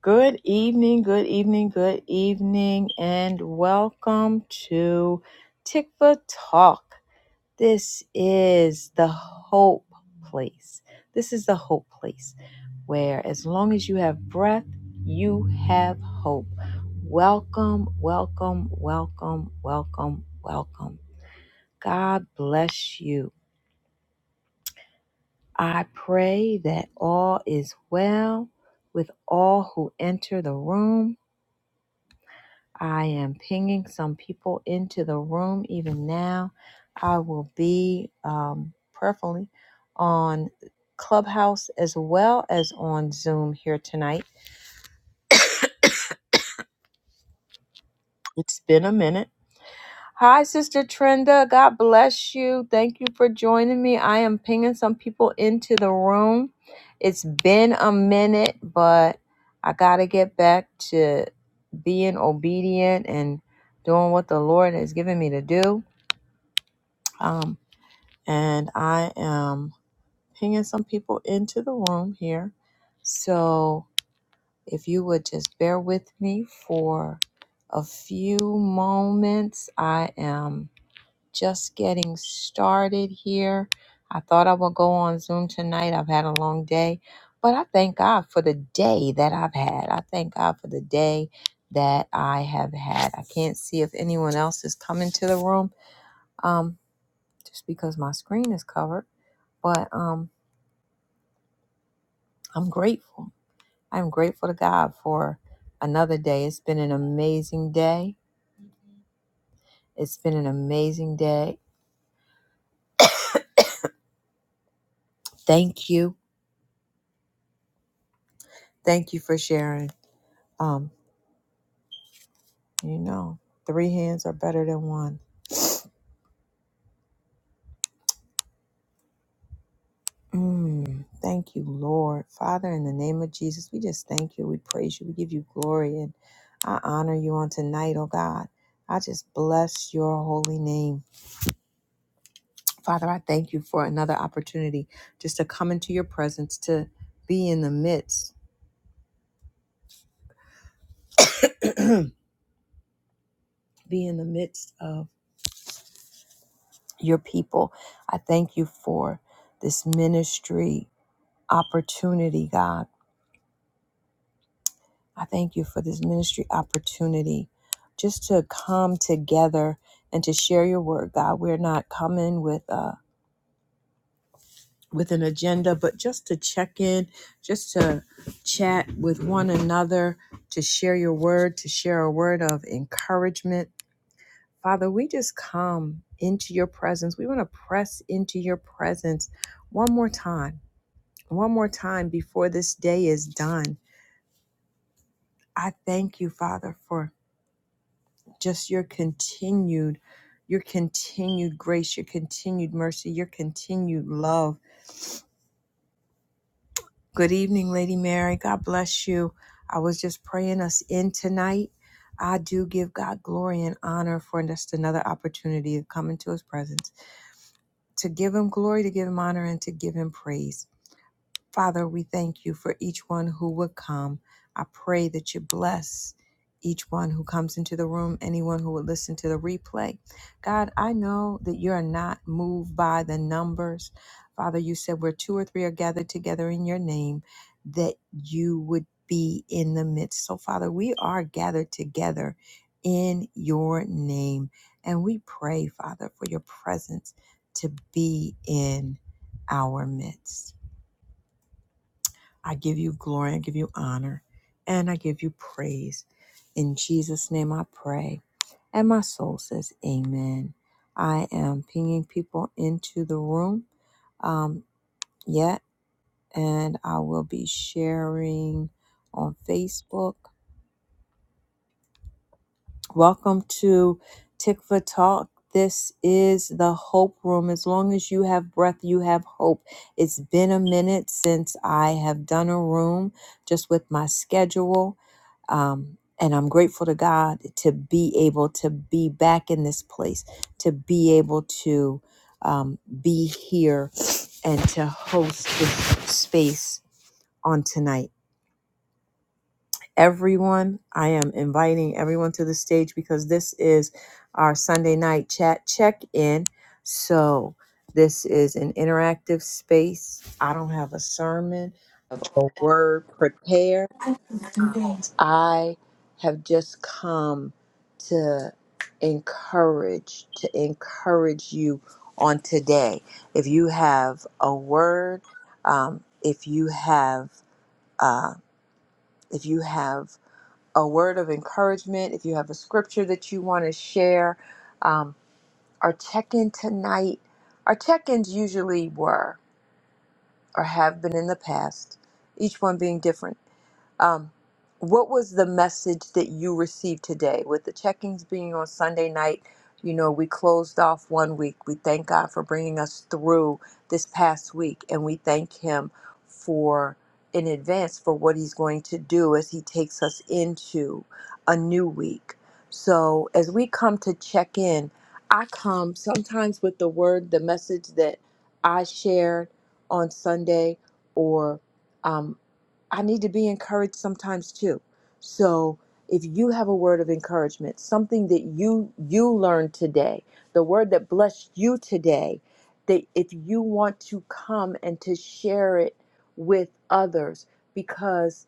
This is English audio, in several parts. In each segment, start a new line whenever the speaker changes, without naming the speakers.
Good evening, good evening, good evening, and welcome to Tick Talk. This is the hope place. This is the hope place where, as long as you have breath, you have hope. Welcome, welcome, welcome, welcome, welcome. God bless you. I pray that all is well with all who enter the room I am pinging some people into the room even now. I will be um, prayerfully on Clubhouse as well as on Zoom here tonight. It's been a minute. Hi, Sister Trenda. God bless you. Thank you for joining me. I am pinging some people into the room. It's been a minute, but I got to get back to being obedient and doing what the Lord has given me to do. Um, and I am pinging some people into the room here. So if you would just bear with me for a few moments, I am just getting started here. I thought I would go on Zoom tonight. I've had a long day, but I thank God for the day that I've had. I thank God for the day that I have had. I can't see if anyone else is coming to the room. Um just because my screen is covered. But um, I'm grateful. I'm grateful to God for another day. It's been an amazing day. It's been an amazing day. Thank you. Thank you for sharing. Um, you know, three hands are better than one. Mm, thank you, Lord. Father, in the name of Jesus, we just thank you. We praise you. We give you glory. And I honor you on tonight, oh God. I just bless your holy name. Father, I thank you for another opportunity just to come into your presence, to be in the midst, be in the midst of your people. I thank you for this ministry opportunity, God. I thank you for this ministry opportunity just to come together and to share your word, God. We're not coming with uh, with an agenda, but just to check in, just to chat with one another, to share your word, to share a word of encouragement. Father, we just come into your presence. We want to press into your presence one more time, one more time before this day is done. I thank you, Father, for just your continued. Your continued grace, your continued mercy, your continued love Good evening, Lady Mary. God bless you. I was just praying us in tonight. I do give God glory and honor for just another opportunity to come into his presence, to give him glory, to give him honor, and to give him praise. Father, we thank you for each one who would come. I pray that you bless each one who comes into the room, anyone who would listen to the replay. God, I know that you're not moved by the numbers. Father, you said where two or three are gathered together in your name, that you would be in the midst. So, Father, we are gathered together in your name. And we pray, Father, for your presence to be in our midst. I give you glory, I give you honor, and I give you praise. In Jesus' name I pray. And my soul says, Amen. I am pinging people into the room um, yet, and I will be sharing on Facebook. Welcome to Tikva Talk. This is the Hope Room. As long as you have breath, you have hope. It's been a minute since I have done a room just with my schedule. Um, and I'm grateful to God to be able to be back in this place, to be able to um, be here and to host this space on tonight everyone. I am inviting everyone to the stage because this is our Sunday night chat check in. So, this is an interactive space. I don't have a sermon, I don't have a word prepared. Um, I have just come to encourage, to encourage you on today. If you have a word, um, if you have, uh, if you have a word of encouragement, if you have a scripture that you want to share, um, our check in tonight, our check ins usually were or have been in the past, each one being different um, what was the message that you received today with the check ins being on Sunday night? You know, we closed off one week. We thank God for bringing us through this past week, and we thank Him for in advance for what He's going to do as He takes us into a new week. So, as we come to check in, I come sometimes with the word, the message that I shared on Sunday, or um, I need to be encouraged sometimes too. So if you have a word of encouragement, something that you you learned today, the word that blessed you today, that if you want to come and to share it with others because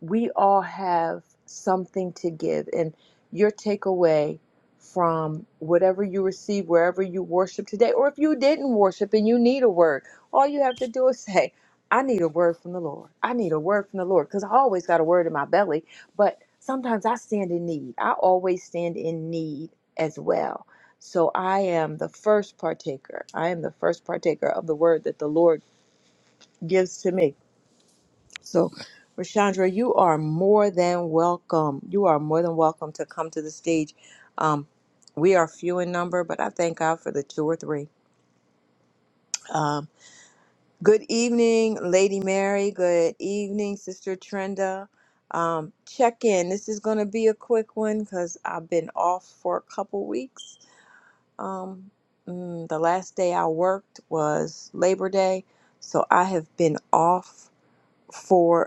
we all have something to give and your takeaway from whatever you receive wherever you worship today or if you didn't worship and you need a word all you have to do is say i need a word from the lord i need a word from the lord because i always got a word in my belly but sometimes i stand in need i always stand in need as well so i am the first partaker i am the first partaker of the word that the lord gives to me so, Rashandra, you are more than welcome. You are more than welcome to come to the stage. Um, we are few in number, but I thank God for the two or three. Um, good evening, Lady Mary. Good evening, Sister Trenda. Um, check in. This is going to be a quick one because I've been off for a couple weeks. Um, mm, the last day I worked was Labor Day, so I have been off for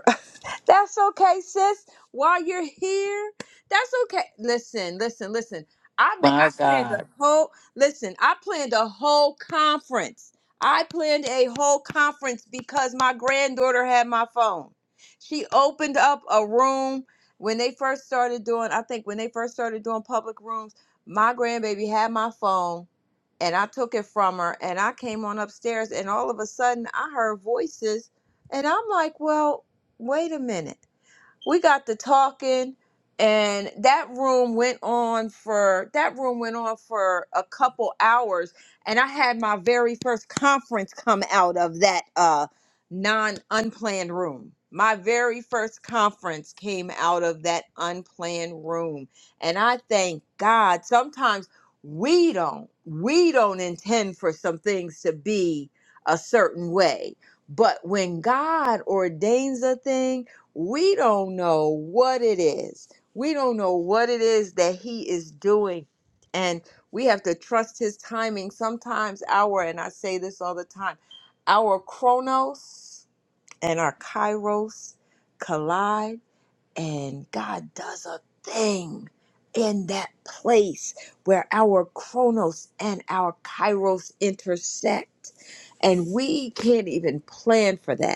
That's okay, sis. While you're here, that's okay. Listen, listen, listen. I ma-
My
I planned the
God.
whole. Listen, I planned a whole conference. I planned a whole conference because my granddaughter had my phone. She opened up a room when they first started doing. I think when they first started doing public rooms, my grandbaby had my phone, and I took it from her. And I came on upstairs, and all of a sudden, I heard voices, and I'm like, well wait a minute. We got to talking and that room went on for that room went on for a couple hours and I had my very first conference come out of that uh non unplanned room. My very first conference came out of that unplanned room and I thank God sometimes we don't we don't intend for some things to be a certain way. But when God ordains a thing, we don't know what it is. We don't know what it is that he is doing. And we have to trust his timing. Sometimes our, and I say this all the time, our chronos and our kairos collide, and God does a thing in that place where our chronos and our kairos intersect. And we can't even plan for that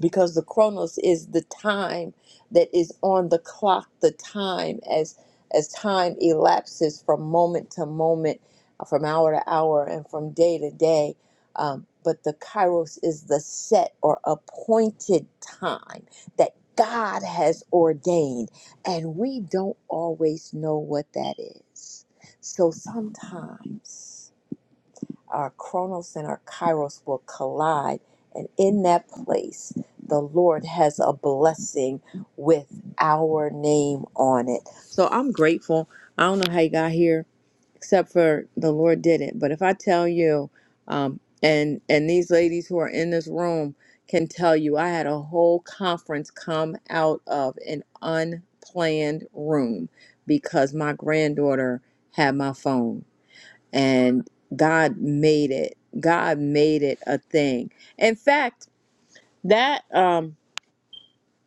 because the chronos is the time that is on the clock the time as as time elapses from moment to moment uh, from hour to hour and from day to day um, but the kairos is the set or appointed time that god has ordained and we don't always know what that is so sometimes our chronos and our kairos will collide. And in that place, the Lord has a blessing with our name on it. So I'm grateful. I don't know how you got here, except for the Lord did it. But if I tell you, um, and and these ladies who are in this room can tell you, I had a whole conference come out of an unplanned room because my granddaughter had my phone and God made it. God made it a thing. In fact, that um,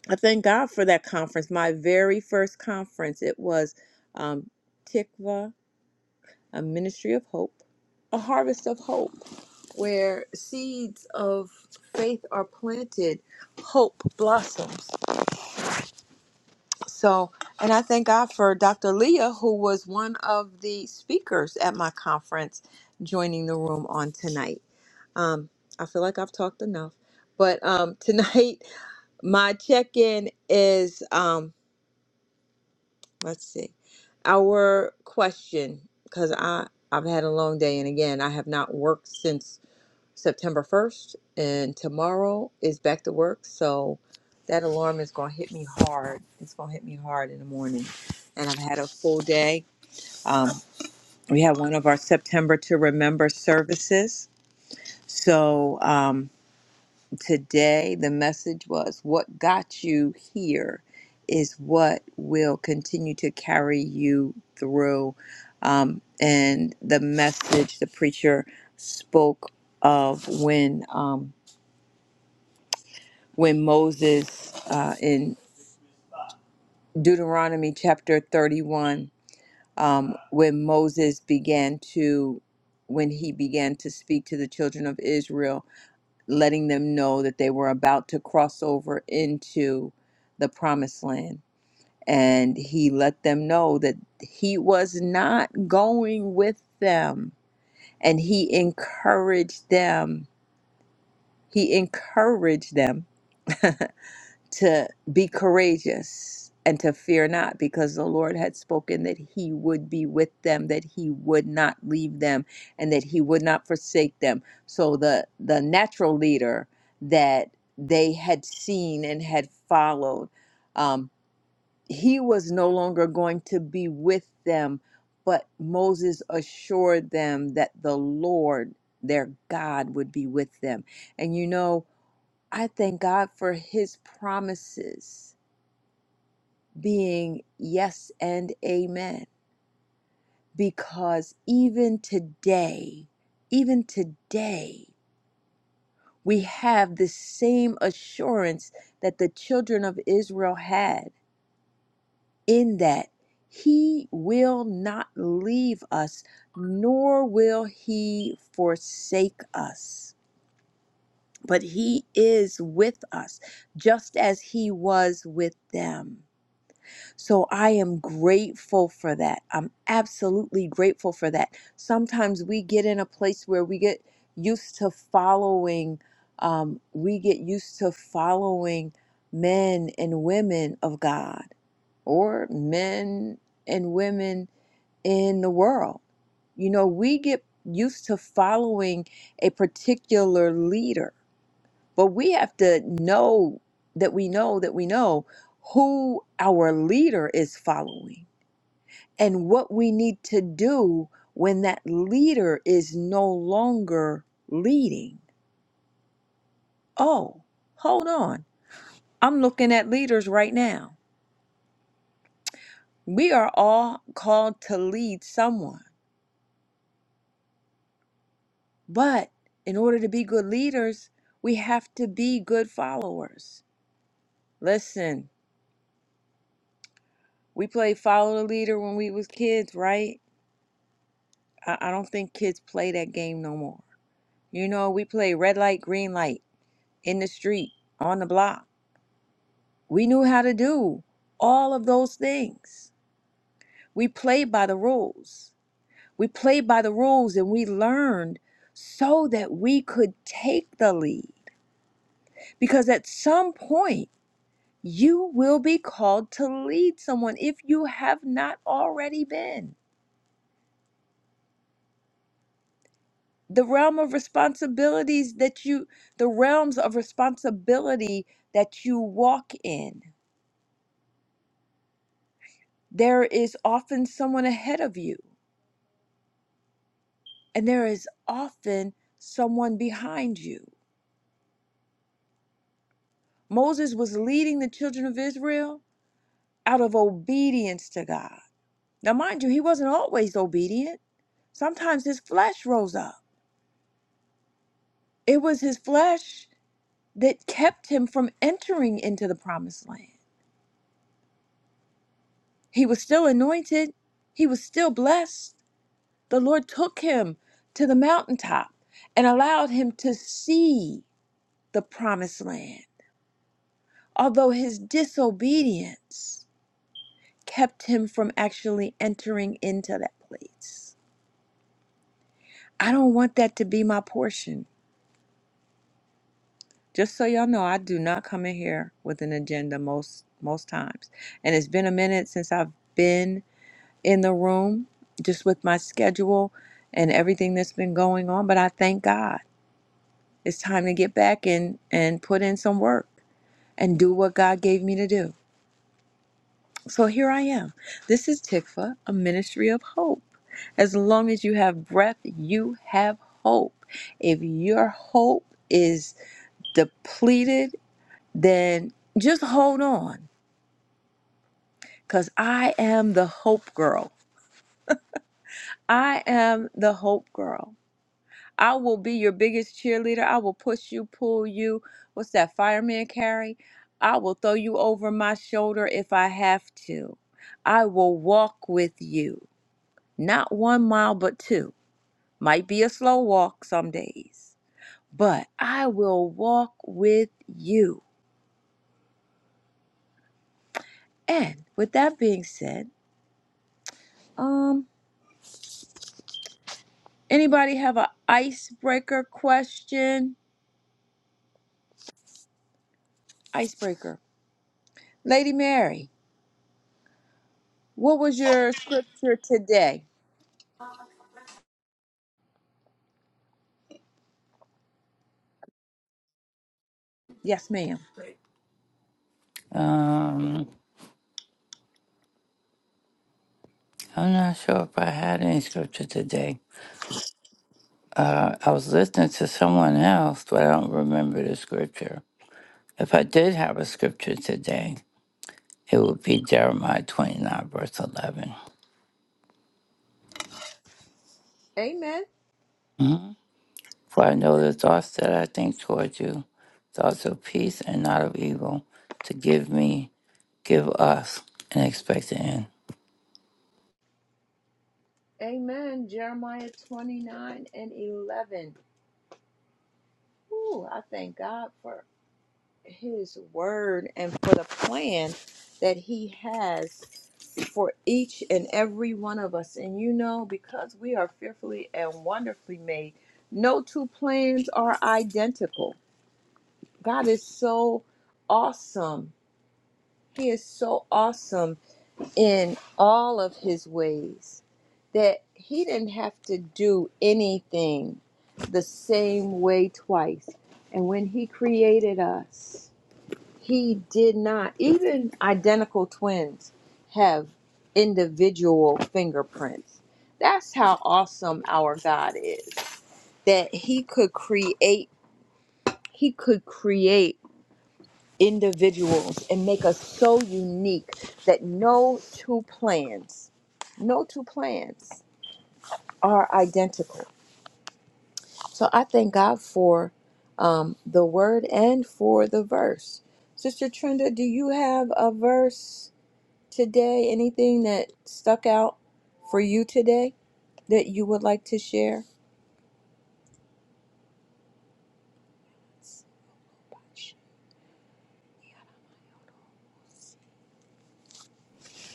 I thank God for that conference. My very first conference, it was um, Tikva, a Ministry of Hope, a Harvest of Hope, where seeds of faith are planted, hope blossoms. So, and I thank God for Dr. Leah, who was one of the speakers at my conference, joining the room on tonight. Um, I feel like I've talked enough, but um, tonight my check-in is um, let's see, our question because I I've had a long day, and again I have not worked since September 1st, and tomorrow is back to work. So that alarm is going to hit me hard. It's going to hit me hard in the morning. And I've had a full day. Um, we had one of our September to Remember services. So um, today, the message was what got you here is what will continue to carry you through. Um, and the message the preacher spoke of when. Um, when Moses uh, in Deuteronomy chapter 31, um, when Moses began to, when he began to speak to the children of Israel, letting them know that they were about to cross over into the promised land. And he let them know that he was not going with them. And he encouraged them. He encouraged them to be courageous and to fear not, because the Lord had spoken that He would be with them, that He would not leave them, and that He would not forsake them. So the the natural leader that they had seen and had followed, um, he was no longer going to be with them. But Moses assured them that the Lord, their God, would be with them. And you know. I thank God for his promises being yes and amen. Because even today, even today, we have the same assurance that the children of Israel had in that he will not leave us, nor will he forsake us. But he is with us, just as he was with them. So I am grateful for that. I'm absolutely grateful for that. Sometimes we get in a place where we get used to following, um, we get used to following men and women of God or men and women in the world. You know, we get used to following a particular leader but we have to know that we know that we know who our leader is following and what we need to do when that leader is no longer leading. Oh, hold on. I'm looking at leaders right now. We are all called to lead someone, but in order to be good leaders, we have to be good followers. Listen, we played follow the leader when we was kids, right? I, I don't think kids play that game no more. You know, we play red light, green light in the street, on the block. We knew how to do all of those things. We played by the rules. We played by the rules and we learned so that we could take the lead. Because at some point, you will be called to lead someone if you have not already been. the realm of responsibilities that you the realms of responsibility that you walk in there is often someone ahead of you and there is often someone behind you moses was leading the children of israel out of obedience to god now mind you he wasn't always obedient sometimes his flesh rose up it was his flesh that kept him from entering into the promised land he was still anointed he was still blessed The Lord took him to the mountaintop and allowed him to see the promised land, although his disobedience kept him from actually entering into that place. I don't want that to be my portion. Just so y'all know, I do not come in here with an agenda most most times. And it's been a minute since I've been in the room just with my schedule and everything that's been going on, but I thank God. It's time to get back and and put in some work and do what God gave me to do. So here I am. This is Tikva, a ministry of hope. As long as you have breath, you have hope. If your hope is depleted, then just hold on cuz I am the hope girl. I am the hope girl. I will be your biggest cheerleader. I will push you, pull you. What's that fireman carry? I will throw you over my shoulder if I have to. I will walk with you, not one mile, but two. Might be a slow walk some days, but I will walk with you. And with that being said, um, anybody have an icebreaker question? Icebreaker. Lady Mary, what was your scripture today? Yes, ma'am.
Um, I'm not sure if I had any scripture today. Uh, I was listening to someone else, but I don't remember the scripture. If I did have a scripture today, it would be Jeremiah 29, verse 11.
Amen.
Mhm. For I know the thoughts that I think toward you, thoughts of peace and not of evil, to give me, give us an expected end.
Amen. Jeremiah 29 and 11. Ooh, I thank God for his word and for the plan that he has for each and every one of us. And you know, because we are fearfully and wonderfully made, no two plans are identical. God is so awesome. He is so awesome in all of his ways, that he didn't have to do anything the same way twice. And when he created us, he did not, even identical twins have individual fingerprints. That's how awesome our God is, that he could create, he could create individuals and make us so unique that no two plans, no two plans are identical. So I thank God for um, the word and for the verse. Sister Trenda, do you have a verse today? Anything that stuck out for you today that you would like to share?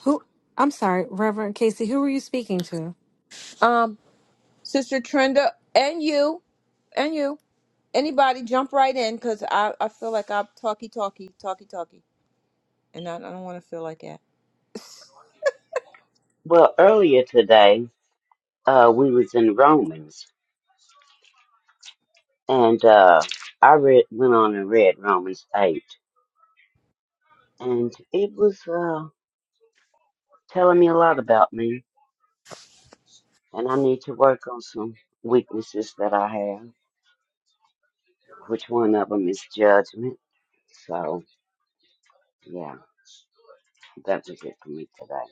Who? I'm sorry, Reverend Casey. Who were you speaking to?
Um, Sister Trenda, and you, and you. Anybody jump right in because I, I feel like I'm talky talky, talky talky. And I, I don't want to feel like that.
Well, earlier today, uh, we was in Romans, and uh, I read went on and read Romans eight, and it was uh, telling me a lot about me, and I need to work on some weaknesses that I have. Which one of them is judgment? So yeah, that was it for me today.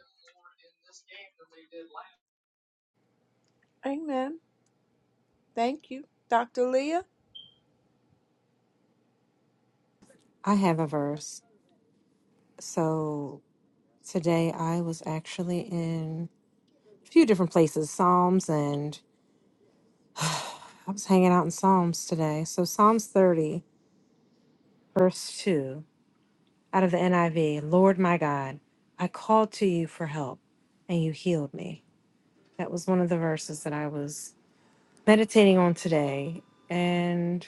Amen. Thank you. Dr. Leah?
I have a verse. So today I was actually in a few different places, Psalms, and I was hanging out in Psalms today. So Psalms 30, verse 2, out of the NIV Lord my God, I called to you for help, and you healed me. That was one of the verses that I was meditating on today. And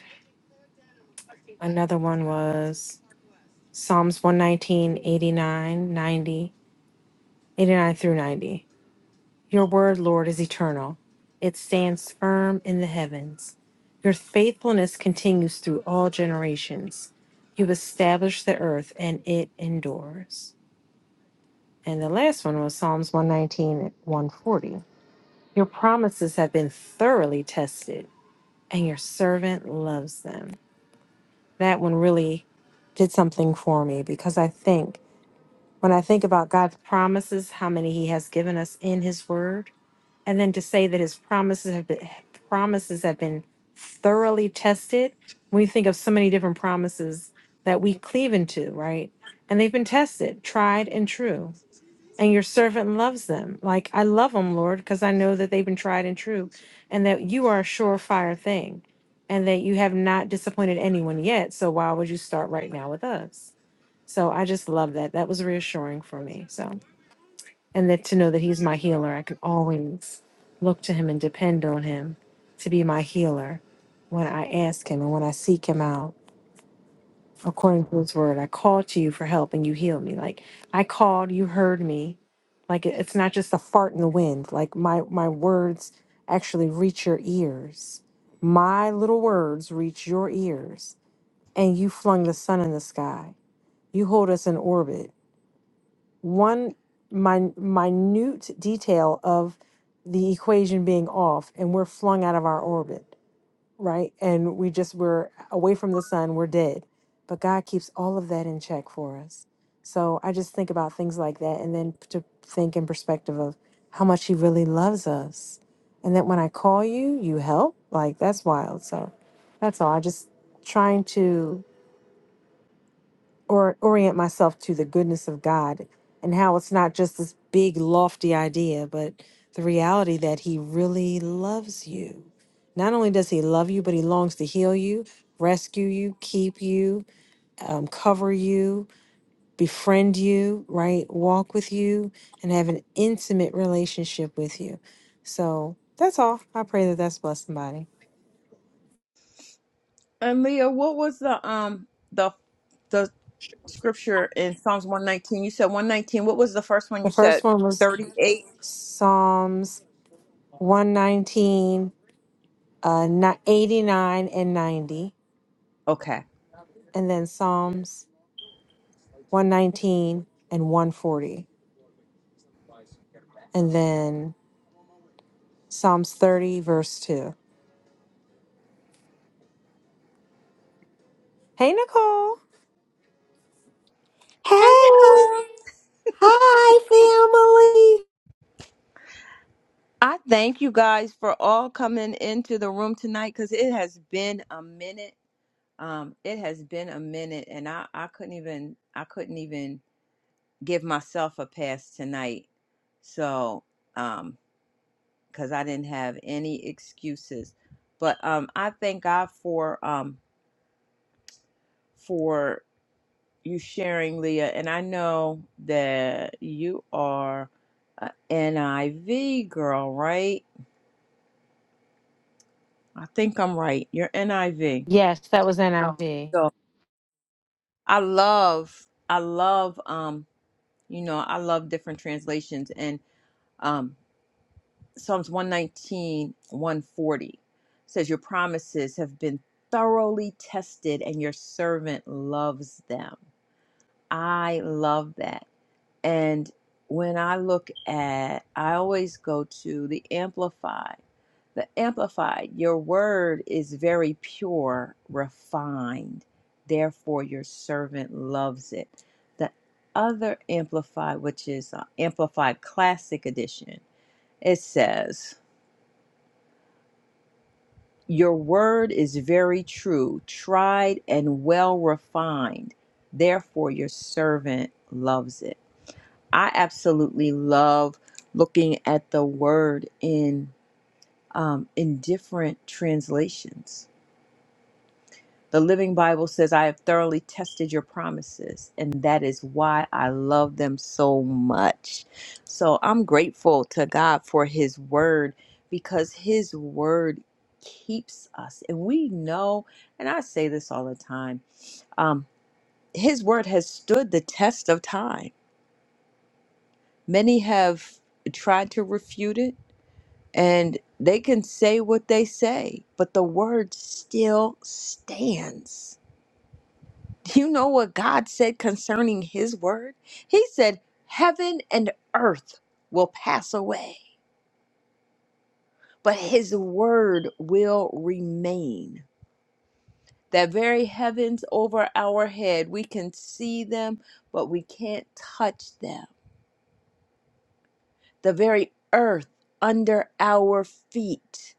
another one was Psalms 119, 89, 90. 89 through 90. Your word, Lord, is eternal. It stands firm in the heavens. Your faithfulness continues through all generations. You established the earth and it endures. And the last one was Psalms 119 and 140. Your promises have been thoroughly tested, and your servant loves them. That one really did something for me because I think when I think about God's promises, how many He has given us in His Word, and then to say that his promises have been promises have been thoroughly tested we think of so many different promises that we cleave into right and they've been tested tried and true and your servant loves them like i love them lord because i know that they've been tried and true and that you are a surefire thing and that you have not disappointed anyone yet so why would you start right now with us so i just love that that was reassuring for me so and that to know that he's my healer i can always look to him and depend on him to be my healer when i ask him and when i seek him out according to his word i call to you for help and you heal me like i called you heard me like it- it's not just a fart in the wind like my my words actually reach your ears my little words reach your ears and you flung the sun in the sky you hold us in orbit one min- minute detail of the equation being off and we're flung out of our orbit, right? And we just, we're away from the sun, we're dead. But God keeps all of that in check for us. So I just think about things like that and then to think in perspective of how much He really loves us. And that when I call you, you help. Like that's wild. So that's all. I just trying to or orient myself to the goodness of God and how it's not just this big lofty idea, but the reality that He really loves you. Not only does He love you, but He longs to heal you, rescue you, keep you, um, cover you, befriend you, right? Walk with you, and have an intimate relationship with you. So that's all. I pray that that's blessed somebody.
And Leah, what was the um the the scripture in Psalms one nineteen? You said one nineteen. What was the first one
The
you
first
said?
one was
Thirty eight.
Psalms 119 uh, ni- 89 and 90,
Okay.
and then Psalms 119 and 140, and then Psalms 30, verse 2. Hey, Nicole.
Hey,
Hey, Nicole.
hi, family.
I thank you guys for all coming into the room tonight because it has been a minute. Um, it has been a minute, and I I couldn't even I couldn't even give myself a pass tonight. So, um, cause I didn't have any excuses, but, um, I thank God for, um, for you sharing Leah. And I know that you are a NIV girl, right? I think I'm right. You're NIV.
Yes, that was NIV. I V.
So I love, I love, um, you know, I love different translations and, um, Psalms one nineteen one forty says, Your promises have been thoroughly tested, and your servant loves them. I love that. And when I look at, I always go to the Amplified. The Amplified, your word is very pure, refined. Therefore, your servant loves it. The other Amplified, which is uh, Amplified Classic Edition, it says, Your word is very true, tried and well refined. Therefore, your servant loves it. I absolutely love looking at the word in um, in different translations the Living Bible says, I have thoroughly tested your promises, and that is why I love them so much. So I'm grateful to God for His Word because His Word keeps us. And we know, and I say this all the time, um, His Word has stood the test of time. Many have tried to refute it, and they can say what they say, but the Word still stands. You know what God said concerning his word? He said, Heaven and earth will pass away, but his word will remain. That very heavens over our head, we can see them, but we can't touch them. The very earth under our feet,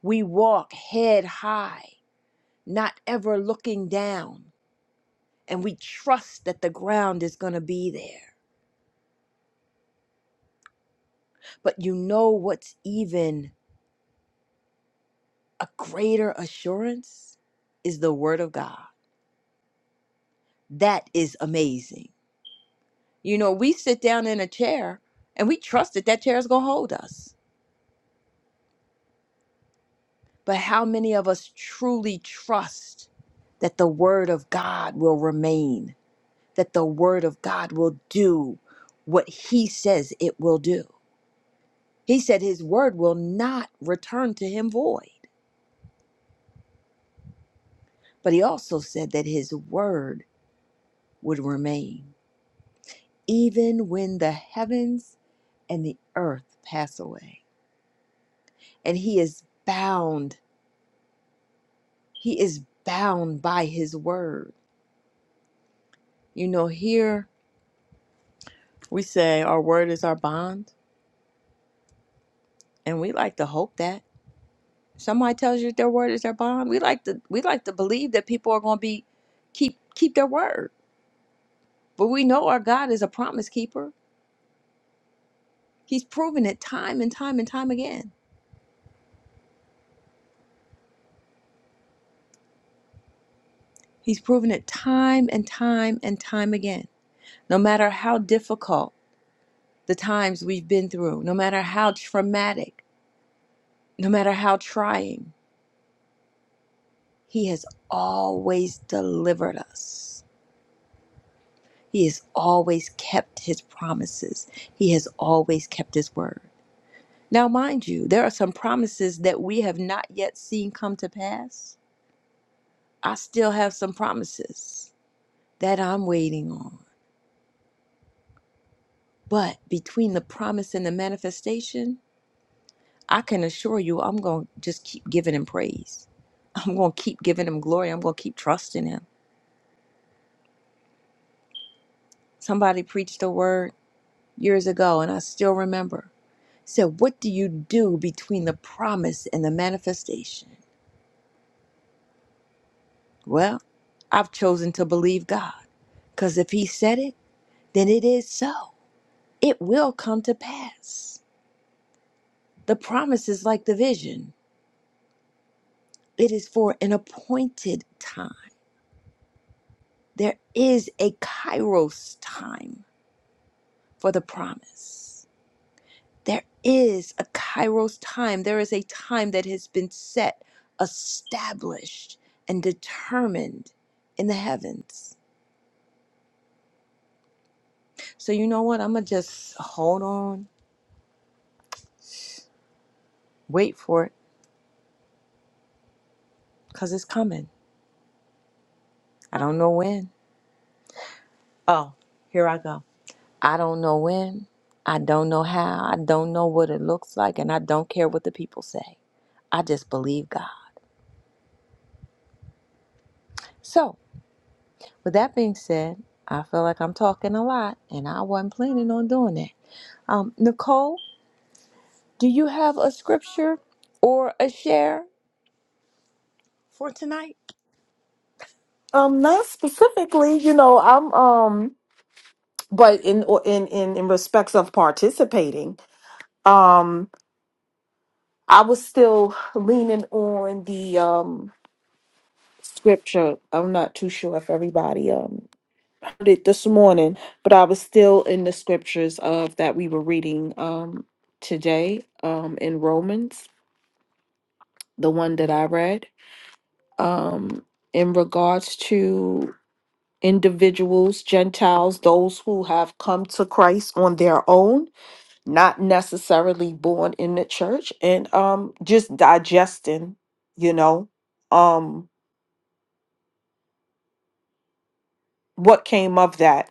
we walk head high, not ever looking down, and we trust that the ground is going to be there. But you know what's even a greater assurance is the word of God. That is amazing. You know, we sit down in a chair and we trust that that chair is going to hold us. But how many of us truly trust that the word of God will remain, that the word of God will do what he says it will do? He said his word will not return to him void, but he also said that his word would remain even when the heavens and the earth pass away. And he is bound, he is bound by his word. You know, here we say our word is our bond, and we like to hope that. Somebody tells you their word is their bond. We like to we like to believe that people are gonna be keep keep their word. But we know our God is a promise keeper. He's proven it time and time and time again. He's proven it time and time and time again. No matter how difficult the times we've been through, no matter how traumatic, no matter how trying, He has always delivered us. He has always kept His promises. He has always kept His word. Now, mind you, there are some promises that we have not yet seen come to pass. I still have some promises that I'm waiting on. But between the promise and the manifestation, I can assure you, I'm going to just keep giving him praise. I'm going to keep giving him glory. I'm going to keep trusting him. Somebody preached a word years ago, and I still remember. He said, What do you do between the promise and the manifestation? Well, I've chosen to believe God because if He said it, then it is so. It will come to pass. The promise is like the vision, it is for an appointed time. There is a kairos time for the promise. There is a kairos time. There is a time that has been set, established, and determined in the heavens. So, you know what? I'm going to just hold on, wait for it, because it's coming. I don't know when. I don't know when. I don't know how. I don't know what it looks like. And I don't care what the people say. I just believe God. So, with that being said, I feel like I'm talking a lot, and I wasn't planning on doing that. Um, Nicole, do you have a scripture or a share for tonight?
Um, not specifically, you know, I'm um, but in or in in in respects of participating, um, I was still leaning on the um scripture. I'm not too sure if everybody um heard it this morning, but I was still in the scriptures of that we were reading um today um in Romans, the one that I read um in regards to individuals, Gentiles, those who have come to Christ on their own, not necessarily born in the church, and um, just digesting, you know, um, what came of that.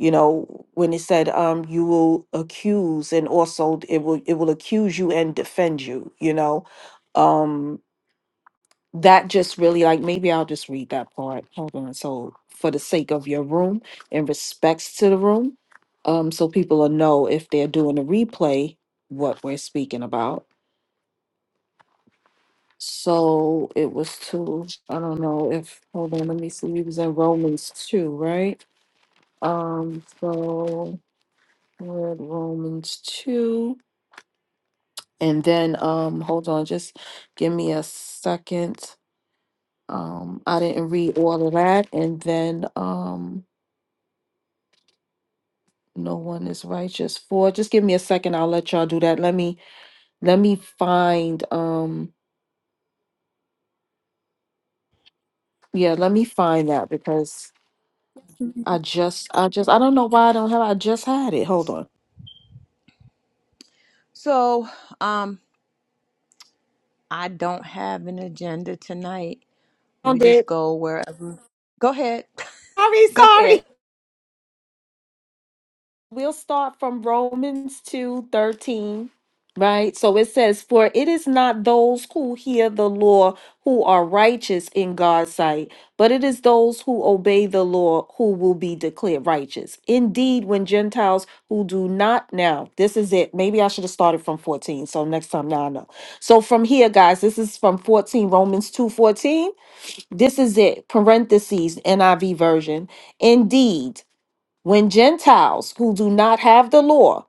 You know, when it said um, you will accuse, and also it will it will accuse you and defend you. You know, Um, that just really like maybe I'll just read that part. Hold on. So for the sake of your room and respects to the room, um, so people will know if they're doing a replay what we're speaking about. So it was two. I don't know if hold on, let me see. We was in Romans two, right? Um, so we're at Romans two. And then um hold on, just give me a second. Um, I didn't read all of that. And then um No one is righteous. Four. Just give me a second. I'll let y'all do that. Let me let me find um yeah, let me find that because I just I just I don't know why I don't have I just had it. Hold on.
So, um, I don't have an agenda tonight. We
Found
just
it.
go wherever. Go ahead.
Sorry,
go
sorry.
ahead.
we'll start from Romans 2 13, right? So it says, For it is not those who hear the law who are righteous in God's sight, but it is those who obey the law who will be declared righteous. Indeed, when Gentiles who do not now, this is it. Maybe I should have started from 14. So next time now I know. So from here, guys, this is from 14, Romans 2 14. This is it, parentheses, NIV version. Indeed. When Gentiles who do not have the law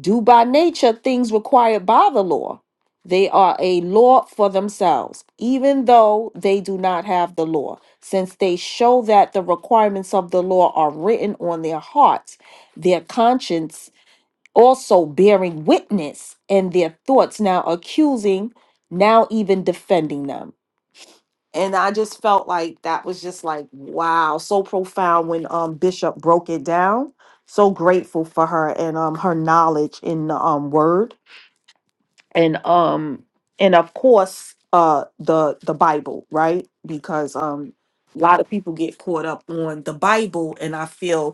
do by nature things required by the law, they are a law for themselves, even though they do not have the law, since they show that the requirements of the law are written on their hearts, their conscience also bearing witness, and their thoughts now accusing, now even defending them and I just felt like that was just like wow, so profound when um Bishop broke it down. So grateful for her and um her knowledge in the um word and um and of course uh the the Bible, right? Because um a lot of people get caught up on the Bible and I feel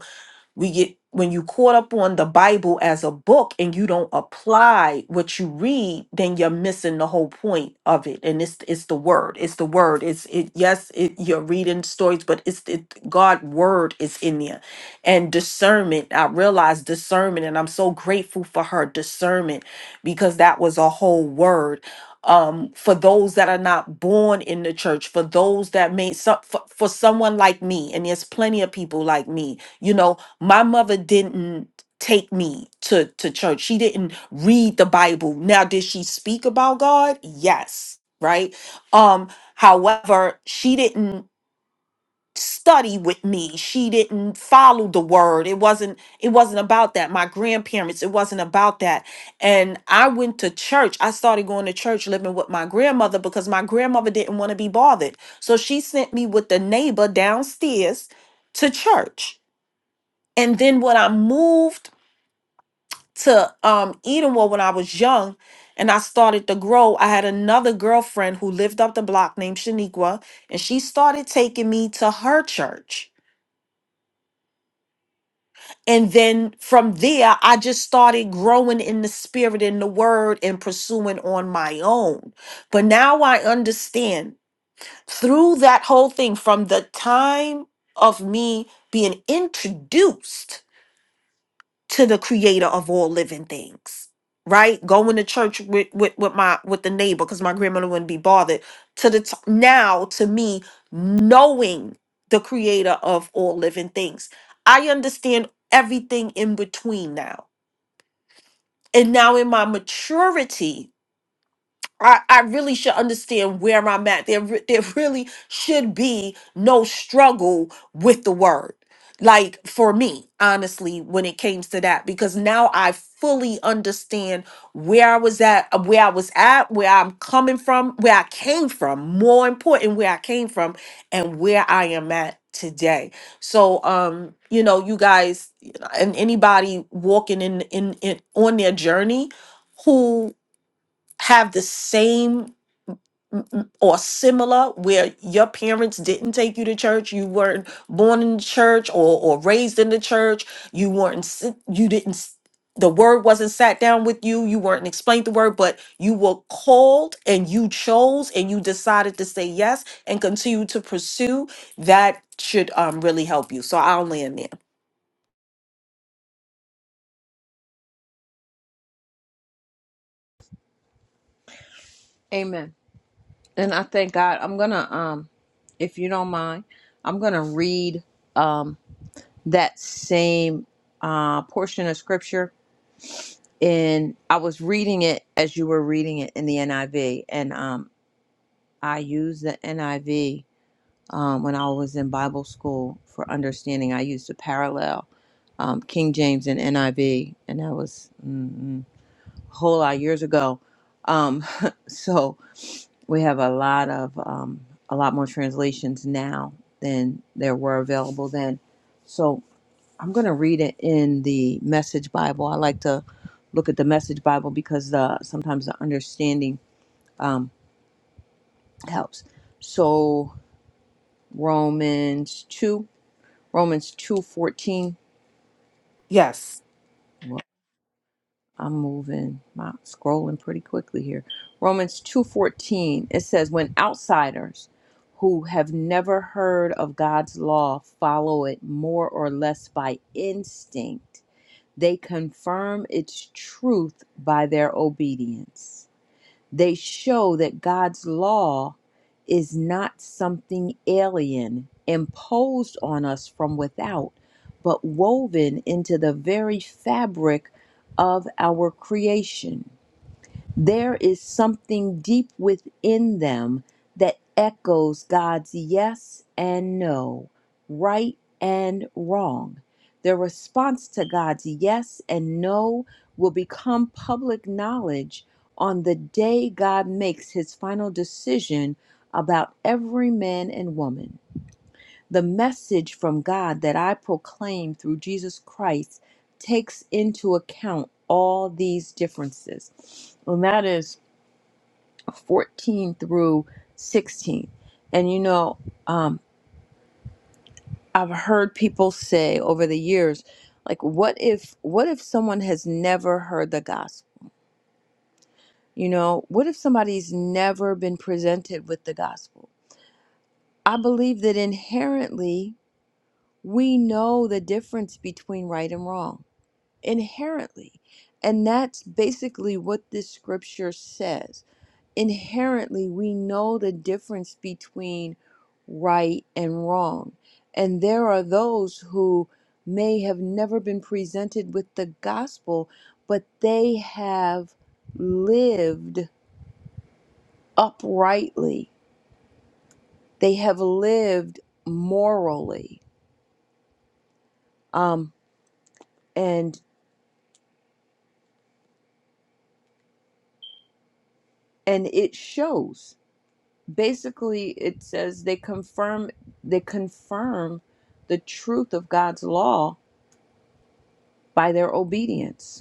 we get when you caught up on the bible as a book and you don't apply what you read then you're missing the whole point of it and it's it's the word it's the word it's it yes it, you're reading stories but it's it, god word is in there and discernment i realize discernment and i'm so grateful for her discernment because that was a whole word um for those that are not born in the church for those that may some for, for someone like me and there's plenty of people like me you know my mother didn't take me to to church she didn't read the bible now did she speak about god yes right um however she didn't study with me she didn't follow the word it wasn't it wasn't about that my grandparents it wasn't about that and i went to church i started going to church living with my grandmother because my grandmother didn't want to be bothered so she sent me with the neighbor downstairs to church and then when I moved to um Edenwood when I was young and I started to grow, I had another girlfriend who lived up the block named Shaniqua, and she started taking me to her church. And then from there, I just started growing in the spirit and the word and pursuing on my own. But now I understand through that whole thing from the time of me being introduced to the creator of all living things right going to church with with, with my with the neighbor because my grandmother wouldn't be bothered to the t- now to me knowing the creator of all living things i understand everything in between now and now in my maturity I, I really should understand where I'm at. There, re- there really should be no struggle with the word. Like for me, honestly, when it came to that, because now I fully understand where I was at, uh, where I was at, where I'm coming from, where I came from, more important, where I came from, and where I am at today. So, um, you know, you guys and anybody walking in in, in on their journey have the same or similar where your parents didn't take you to church you weren't born in the church or, or raised in the church you weren't sit- you didn't s- the word wasn't sat down with you you weren't explained the word but you were called and you chose and you decided to say yes and continue to pursue, that should um, really help you. So I'll land there.
Amen. And I thank God. I'm gonna, um, if you don't mind, I'm gonna read um that same uh portion of scripture. And I was reading it as you were reading it in the NIV, and um, I use the NIV um, when I was in Bible school for understanding. I used to parallel um, King James and NIV, and that was mm, a whole lot of years ago. Um, so we have a lot of um, a lot more translations now than there were available then. So I'm going to read it in the Message Bible. I like to look at the Message Bible because the sometimes the understanding um, helps. So Romans two. Romans 2:14.
Yes.
Well, I'm moving, my scrolling pretty quickly here. Romans 2:14 it says when outsiders who have never heard of God's law follow it more or less by instinct, they confirm its truth by their obedience. They show that God's law is not something alien imposed on us from without, but woven into the very fabric of our creation. There is something deep within them that echoes God's yes and no, right and wrong. Their response to God's yes and no will become public knowledge on the day God makes his final decision about every man and woman. The message from God that I proclaim through Jesus Christ takes into account all these differences. And that is 14 through 16. And you know, um, I've heard people say over the years, like, what if, what if someone has never heard the gospel? You know, what if somebody's never been presented with the gospel? I believe that inherently we know the difference between right and wrong, inherently. And that's basically what this scripture says inherently we know the difference between right and wrong. And there are those who may have never been presented with the gospel, but they have lived uprightly. They have lived morally. Um, and and it shows. Basically, it says they confirm they confirm the truth of God's law by their obedience.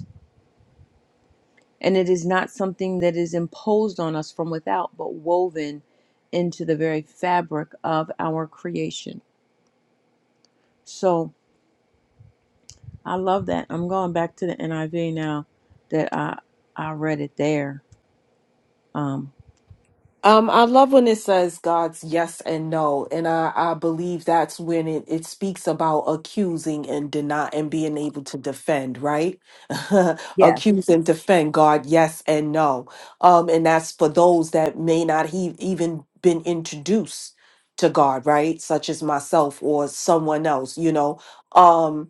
And it is not something that is imposed on us from without, but woven into the very fabric of our creation. So I love that. I'm going back to the NIV now that I I read it there. Um,
Um, I love when it says God's yes and no, and I, I believe that's when it, it speaks about accusing and deny and being able to defend, right?
yes,
Accuse and defend God, yes and no. Um, and that's for those that may not he even been introduced to God, right? Such as myself or someone else, you know. Um,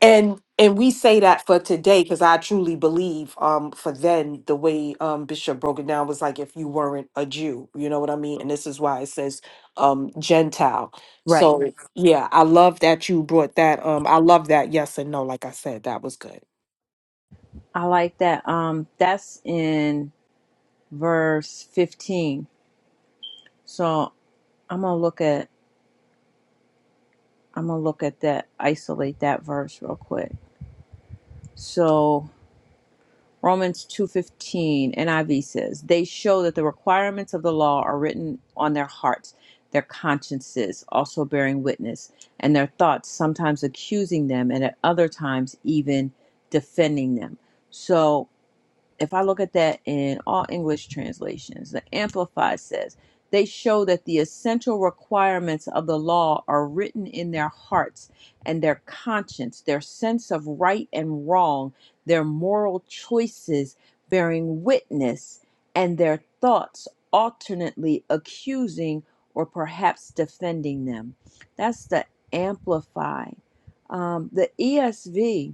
and and we say that for today because i truly believe um for then the way um bishop broke it down was like if you weren't a jew you know what i mean and this is why it says um gentile
right.
so Right. yeah i love that you brought that um i love that yes and no like i said that was good
I like that. Um, that's in verse 15. So I'm gonna look at I'm gonna look at that. Isolate that verse real quick. So Romans 2:15 NIV says, "They show that the requirements of the law are written on their hearts, their consciences also bearing witness, and their thoughts sometimes accusing them and at other times even defending them." So if I look at that in all English translations, the Amplified says, they show that the essential requirements of the law are written in their hearts and their conscience, their sense of right and wrong, their moral choices bearing witness, and their thoughts alternately accusing or perhaps defending them. That's the Amplified. Um, the ESV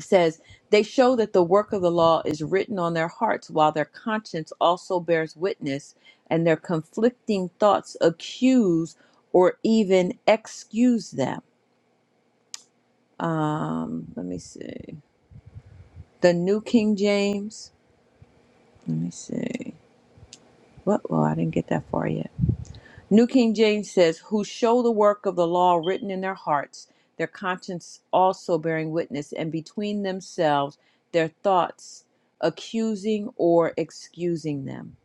says they show that the work of the law is written on their hearts while their conscience also bears witness and their conflicting thoughts accuse or even excuse them um let me see the new king james let me see what well i didn't get that far yet New King James says, Who show the work of the law written in their hearts, their conscience also bearing witness, and between themselves their thoughts accusing or excusing them.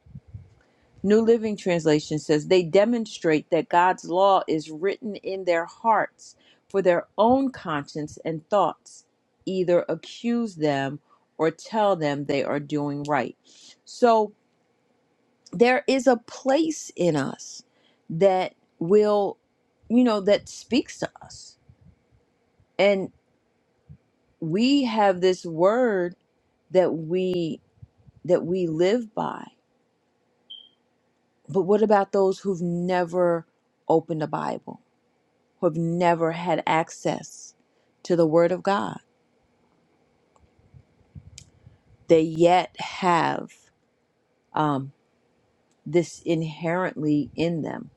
New Living Translation says, They demonstrate that God's law is written in their hearts, for their own conscience and thoughts either accuse them or tell them they are doing right. So, there is a place in us that will you know that speaks to us and we have this word that we that we live by but what about those who've never opened a bible who've never had access to the word of god they yet have um, this inherently in them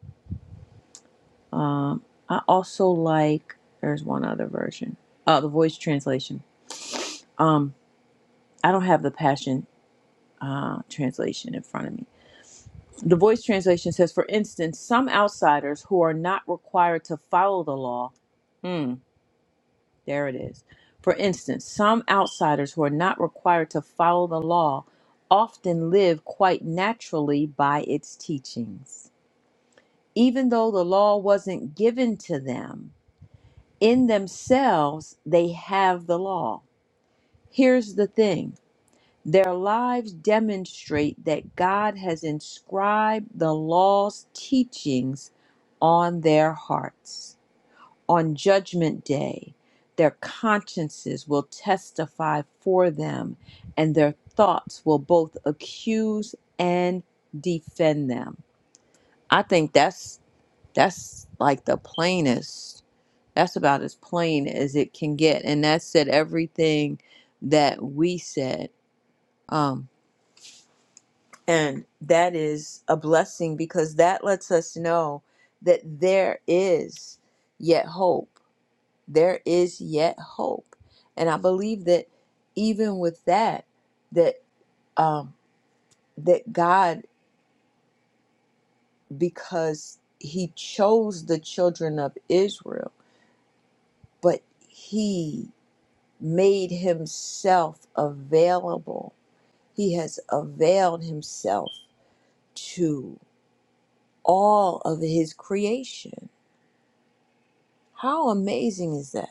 um, i also like there's one other version uh, the voice translation Um. I don't have the Passion uh, translation in front of me. The Voice translation says, for instance, some outsiders who are not required to follow the law. Mm, there it is. For instance, some outsiders who are not required to follow the law often live quite naturally by its teachings. Even though the law wasn't given to them, in themselves they have the law. Here's the thing Their lives demonstrate that God has inscribed the law's teachings on their hearts. On Judgment Day, their consciences will testify for them, and their thoughts will both accuse and defend them. I think that's that's like the plainest. That's about as plain as it can get, and that said everything that we said. Um, And that is a blessing because that lets us know that there is yet hope. There is yet hope. And I believe that even with that, that um, that God, because He chose the children of Israel, but He made Himself available. He has availed Himself to all of His creation How amazing is that?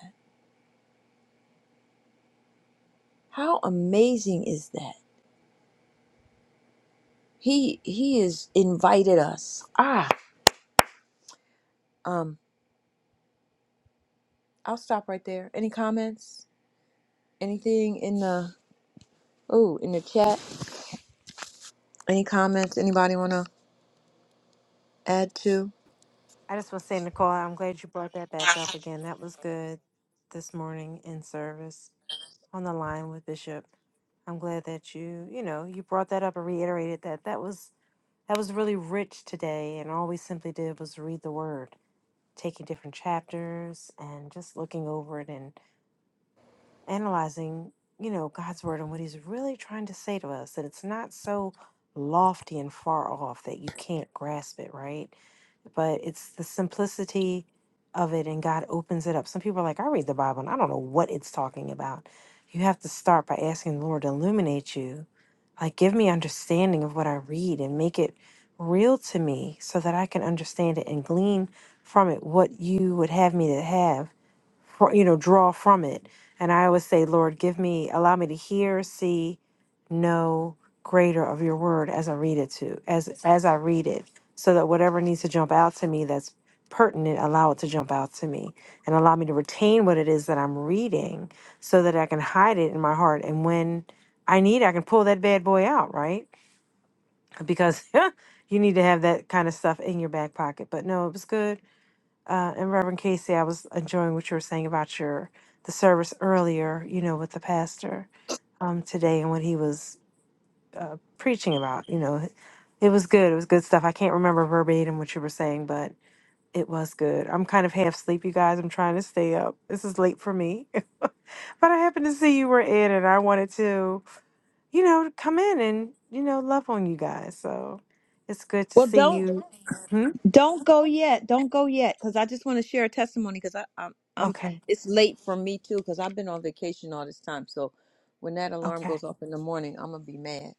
How amazing is that? He he has invited us. Ah, um, I'll stop right there. Any comments? Anything in the oh in the chat? Any comments? Anybody want to add to?
I just want to say, Nicole, I'm glad you brought that back up again. That was good this morning in service on the line with Bishop. I'm glad that you, you know, you brought that up and reiterated that. That was that was really rich today, and all we simply did was read the word. taking different chapters and just looking over it and analyzing, you know, God's word and what he's really trying to say to us. That it's not so lofty and far off that you can't grasp it, right? but it's the simplicity of it and God opens it up. Some people are like, I read the Bible and I don't know what it's talking about. You have to start by asking the Lord to illuminate you. Like, give me understanding of what I read and make it real to me so that I can understand it and glean from it what you would have me to have fr- you know draw from it and i always say lord give me allow me to hear see know greater of your word as i read it to as as i read it so that whatever needs to jump out to me that's pertinent allow it to jump out to me and allow me to retain what it is that i'm reading so that i can hide it in my heart and when i need i can pull that bad boy out right because you need to have that kind of stuff in your back pocket but no it was good uh, and Reverend Casey, I was enjoying what you were saying about your the service earlier, you know, with the pastor um, today and what he was uh, preaching about. You know, it was good. It was good stuff. I can't remember verbatim what you were saying, but it was good. I'm kind of half asleep, you guys. I'm trying to stay up. This is late for me, but I happened to see you were in, and I wanted to, you know, come in and you know love on you guys. So it's good to
Well,
see
don't
you. Hmm?
don't go yet. Don't go yet, because I just want to share a testimony. Because I I'm, I'm
Okay.
it's late for me too. Because I've been on vacation all this time. So when that alarm
Okay.
goes off in the morning, I'm gonna be mad.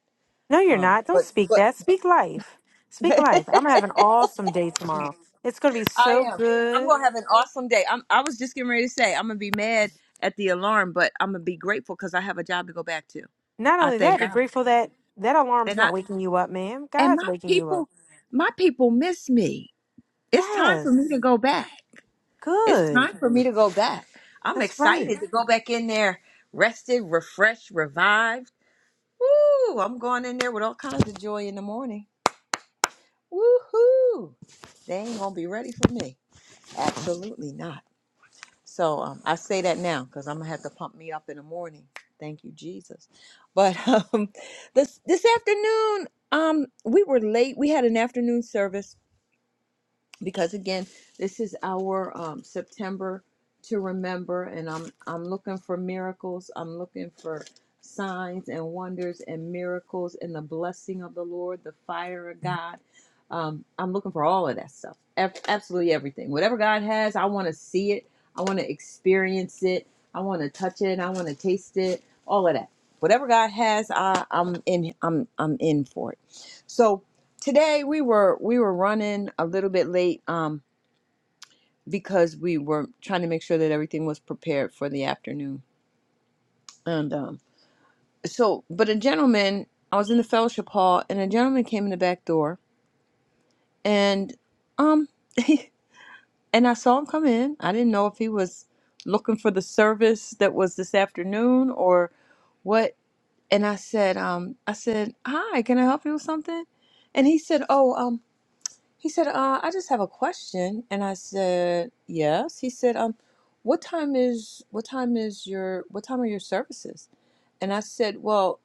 No, you're
Um,
not. Don't
but
speak that. Speak life. Speak life. I'm
but.
gonna have an awesome day tomorrow. It's gonna be
I
so
am. I'm
good.
gonna have an awesome day. I'm. I was just getting ready to say I'm gonna be mad at the alarm, but I'm gonna be grateful because I have a job to go back to.
Not
I
only
thank
that, be
God,
grateful that that alarm's
and I
not waking you up, ma'am.
and
God's
my
waking you up.
people, my people miss me. It's time for me to
Yes.
go back. It's
Good.
time for me to go back. I'm
That's right.
excited to go back in there, rested, refreshed, revived. Woo! I'm going in there with all kinds of joy in the morning. Woohoo! They ain't gonna be ready for me. Absolutely not. So um, I say that now because I'm gonna have to pump me up in the morning. Thank you, Jesus. But um, this this afternoon, um, we were late. We had an afternoon service because again, this is our um, September to remember, and I'm I'm looking for miracles. I'm looking for signs and wonders and miracles and the blessing of the Lord, the fire of God. Um, I'm looking for all of that stuff, Ab- absolutely everything. Whatever God has, I want to see it. I want to experience it. I want to touch it. I want to taste it. All of that. Whatever God has, I, I'm in. I'm I'm in for it. So today we were we were running a little bit late um because we were trying to make sure that everything was prepared for the afternoon and um so but a gentleman i was in the fellowship hall and a gentleman came in the back door and um and i saw him come in i didn't know if he was looking for the service that was this afternoon or what and i said um i said hi can i help you with something and he said oh um, He said, uh, I just have a question. And I said, yes. He said, um, what time is what time is your what time are your services? And I said, well,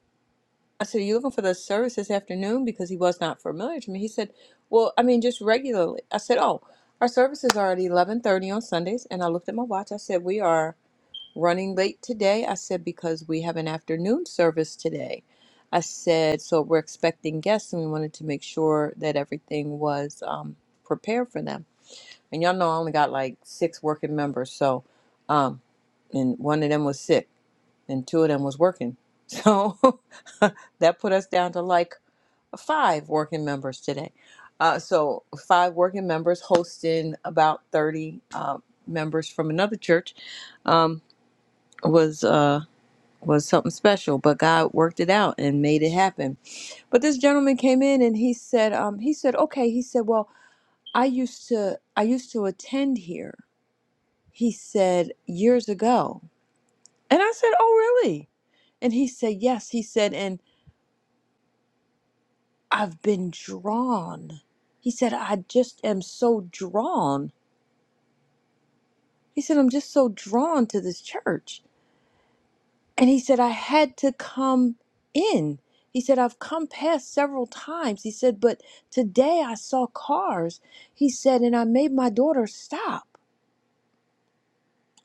I said, are you looking for the service this afternoon? Because he was not familiar to me. He said, well, I mean, just regularly. I said, oh, our services are at 11:30 on Sundays. And I looked at my watch. I said, we are running late today. I said, because we have an afternoon service today. I said, so we're expecting guests and we wanted to make sure that everything was um, prepared for them. And y'all know I only got like six working members. So, um, and one of them was sick and two of them was working. So that put us down to like five working members today. Uh, so five working members hosting about 30 uh, members from another church um, was. Uh, was something special, but God worked it out and made it happen. But this gentleman came in and he said, um, he said, okay, he said, well, I used to, I used to attend here. He said years ago, and I said, oh really? And he said, yes. He said, and I've been drawn. He said, I just am so drawn. He said, I'm just so drawn to this church. And he said, I had to come in. He said, I've come past several times. He said, but today I saw cars. He said, and I made my daughter stop.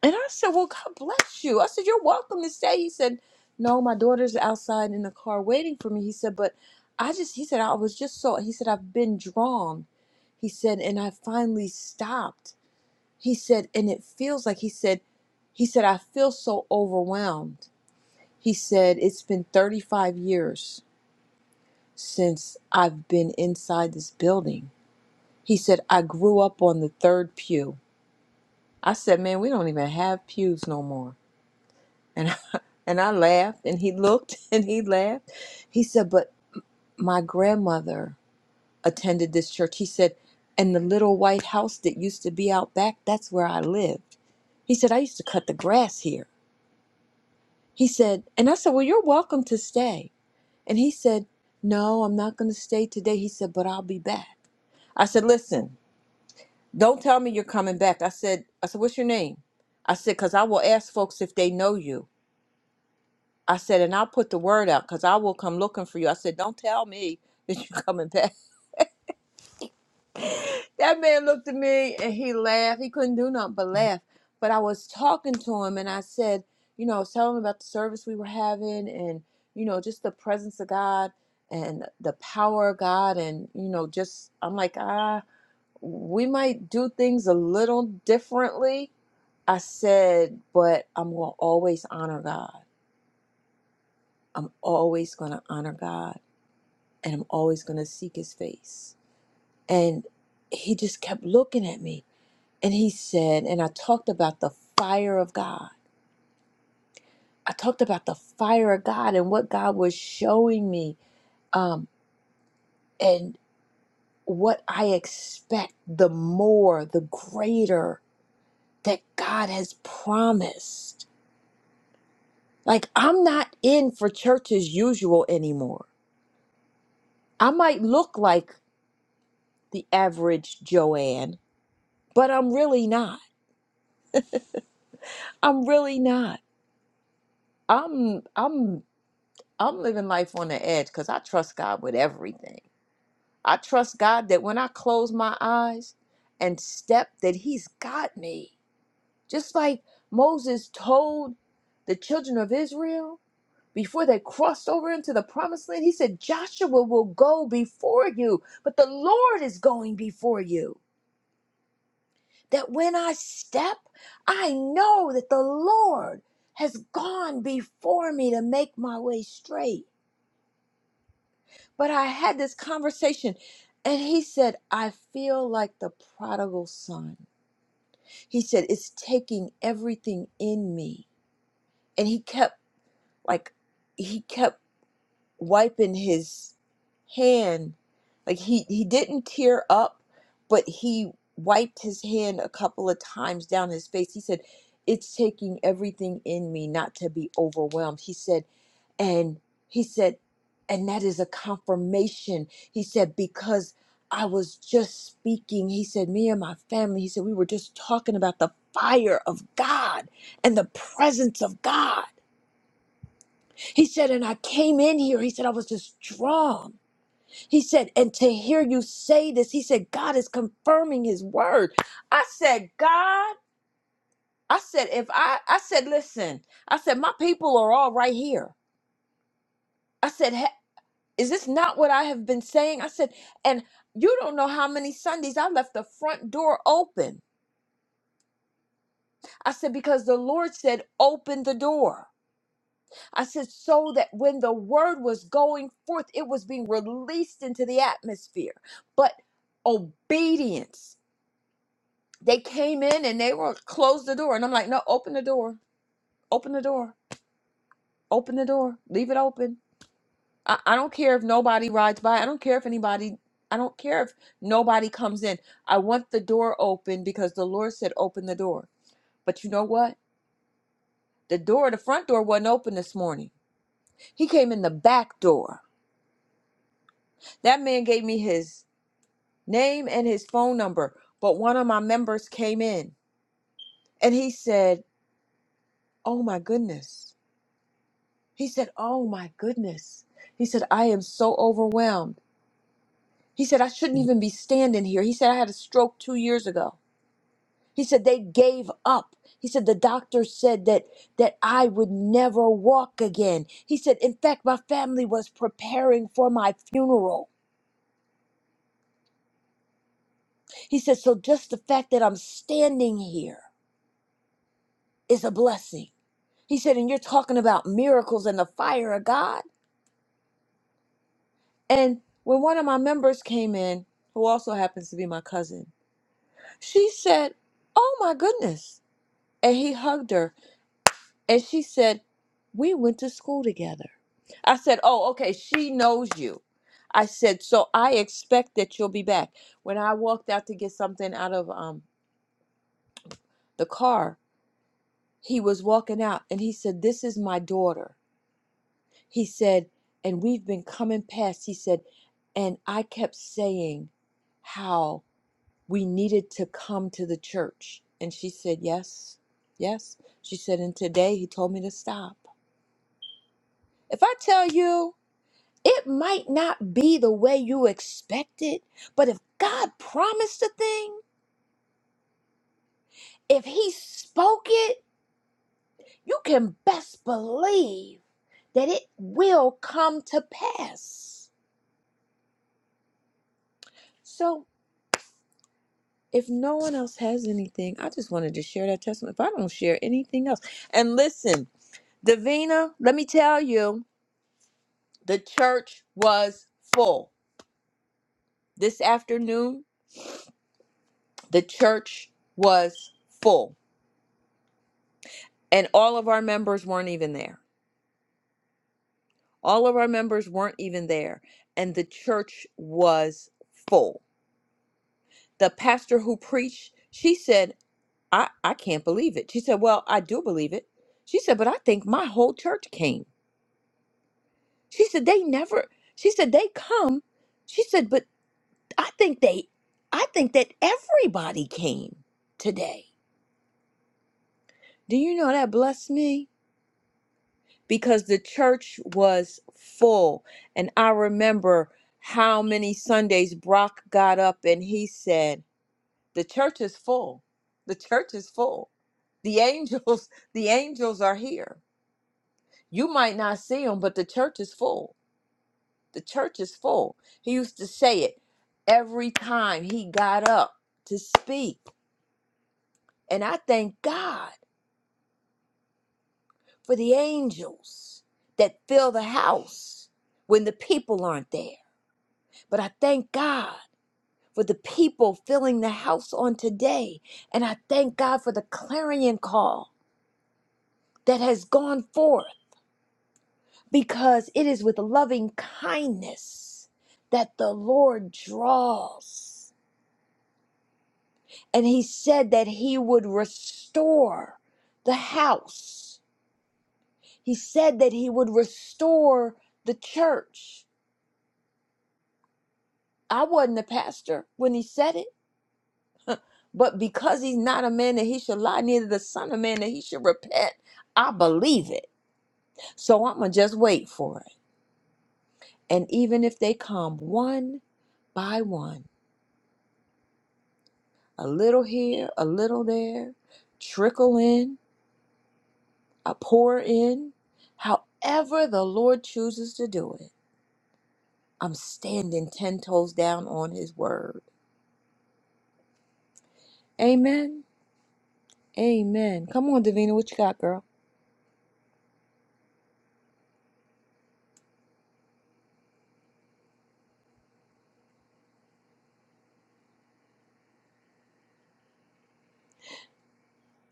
And I said, Well, God bless you. I said, You're welcome to stay. He said, No, my daughter's outside in the car waiting for me. He said, But I just, he said, I was just so, he said, I've been drawn. He said, And I finally stopped. He said, And it feels like, he said, he said, I feel so overwhelmed. He said, It's been 35 years since I've been inside this building. He said, I grew up on the third pew. I said, Man, we don't even have pews no more. And I, and I laughed, and he looked and he laughed. He said, But my grandmother attended this church. He said, And the little white house that used to be out back, that's where I lived. He said, I used to cut the grass here. He said, And I said, Well, you're welcome to stay. And he said, No, I'm not going to stay today. He said, But I'll be back. I said, Listen, don't tell me you're coming back. I said, I said, What's your name? I said, Because I will ask folks if they know you. I said, And I'll put the word out because I will come looking for you. I said, Don't tell me that you're coming back. That man looked at me and he laughed. He couldn't do nothing but laugh. But I was talking to him and I said, you know, telling him about the service we were having and, you know, just the presence of God and the power of God. And, you know, just, I'm like, ah, we might do things a little differently. I said, but I'm going to always honor God. I'm always going to honor God and I'm always going to seek his face. And he just kept looking at me. And he said, and I talked about the fire of God. I talked about the fire of God and what God was showing me um, and what I expect the more, the greater that God has promised. Like, I'm not in for church as usual anymore. I might look like the average Joanne, but I'm really not. I'm really not. I'm, I'm, I'm living life on the edge because I trust God with everything. I trust God that when I close my eyes and step, that He's got me. Just like Moses told the children of Israel before they crossed over into the promised land, he said, Joshua will go before you, but the Lord is going before you. That when I step, I know that the Lord has gone before me to make my way straight. But I had this conversation, and he said, I feel like the prodigal son. He said, It's taking everything in me. And he kept, like, he kept wiping his hand. Like, he, he didn't tear up, but he wiped his hand a couple of times down his face. He said, It's taking everything in me not to be overwhelmed. He said, and he said, and that is a confirmation. He said, because I was just speaking, he said, me and my family, he said, we were just talking about the fire of God and the presence of God. He said, and I came in here, he said, I was just drawn. He said, and to hear you say this, he said, God is confirming his word. I said, God, I said, if I, I said, listen, I said, my people are all right here. I said, Is this not what I have been saying? I said, and you don't know how many Sundays I left the front door open. I said, because the Lord said, open the door. I said, so that when the word was going forth, it was being released into the atmosphere. But obedience, they came in and they were closed the door. And I'm like, no, open the door, open the door, open the door, leave it open. I, I don't care if nobody rides by. I don't care if anybody, I don't care if nobody comes in. I want the door open because the Lord said, open the door. But you know what? The door, the front door wasn't open this morning. He came in the back door. That man gave me his name and his phone number. But one of my members came in and he said, Oh my goodness. He said, Oh my goodness. He said, I am so overwhelmed. He said, I shouldn't even be standing here. He said, I had a stroke two years ago. He said they gave up. He said the doctor said that that I would never walk again. He said in fact my family was preparing for my funeral. He said so just the fact that I'm standing here is a blessing. He said and you're talking about miracles and the fire of God. And when one of my members came in, who also happens to be my cousin, she said, "Oh my goodness." And he hugged her and she said, "We went to school together." I said, Oh, okay, she knows you. I said, So I expect that you'll be back. When I walked out to get something out of um, the car, he was walking out and he said, This is my daughter. He said, And we've been coming past. He said, And I kept saying how we needed to come to the church. And she said, Yes, yes. She said, And today he told me to stop. If I tell you, It might not be the way you expect it, but if God promised a thing, if He spoke it, you can best believe that it will come to pass. So, if no one else has anything, I just wanted to share that testimony. If I don't share anything else, and listen, Davina, let me tell you, the church was full this afternoon. The church was full, and all of our members weren't even there. All of our members weren't even there, and the church was full. The pastor who preached, she said, I, I can't believe it. She said, Well, I do believe it. She said, But I think my whole church came. She said, They never, she said, They come. She said, But I think they, I think that everybody came today. Do you know that blessed me? because the church was full. And I remember how many Sundays Brock got up and he said, The church is full. The church is full. The angels, the angels are here. You might not see them, but the church is full. The church is full. He used to say it every time he got up to speak. And I thank God for the angels that fill the house when the people aren't there But I thank God for the people filling the house on today. And I thank God for the clarion call that has gone forth because it is with loving kindness that the Lord draws. And he said that he would restore the house. He said that he would restore the church. I wasn't a pastor when he said it. But because he's not a man that he should lie, neither the son of man that he should repent, I believe it. So I'm going to just wait for it. And even if they come one by one, a little here, a little there, trickle in, a pour in, however the Lord chooses to do it, I'm standing 10 toes down on his word. Amen. Amen. Come on, Davina, what you got, girl?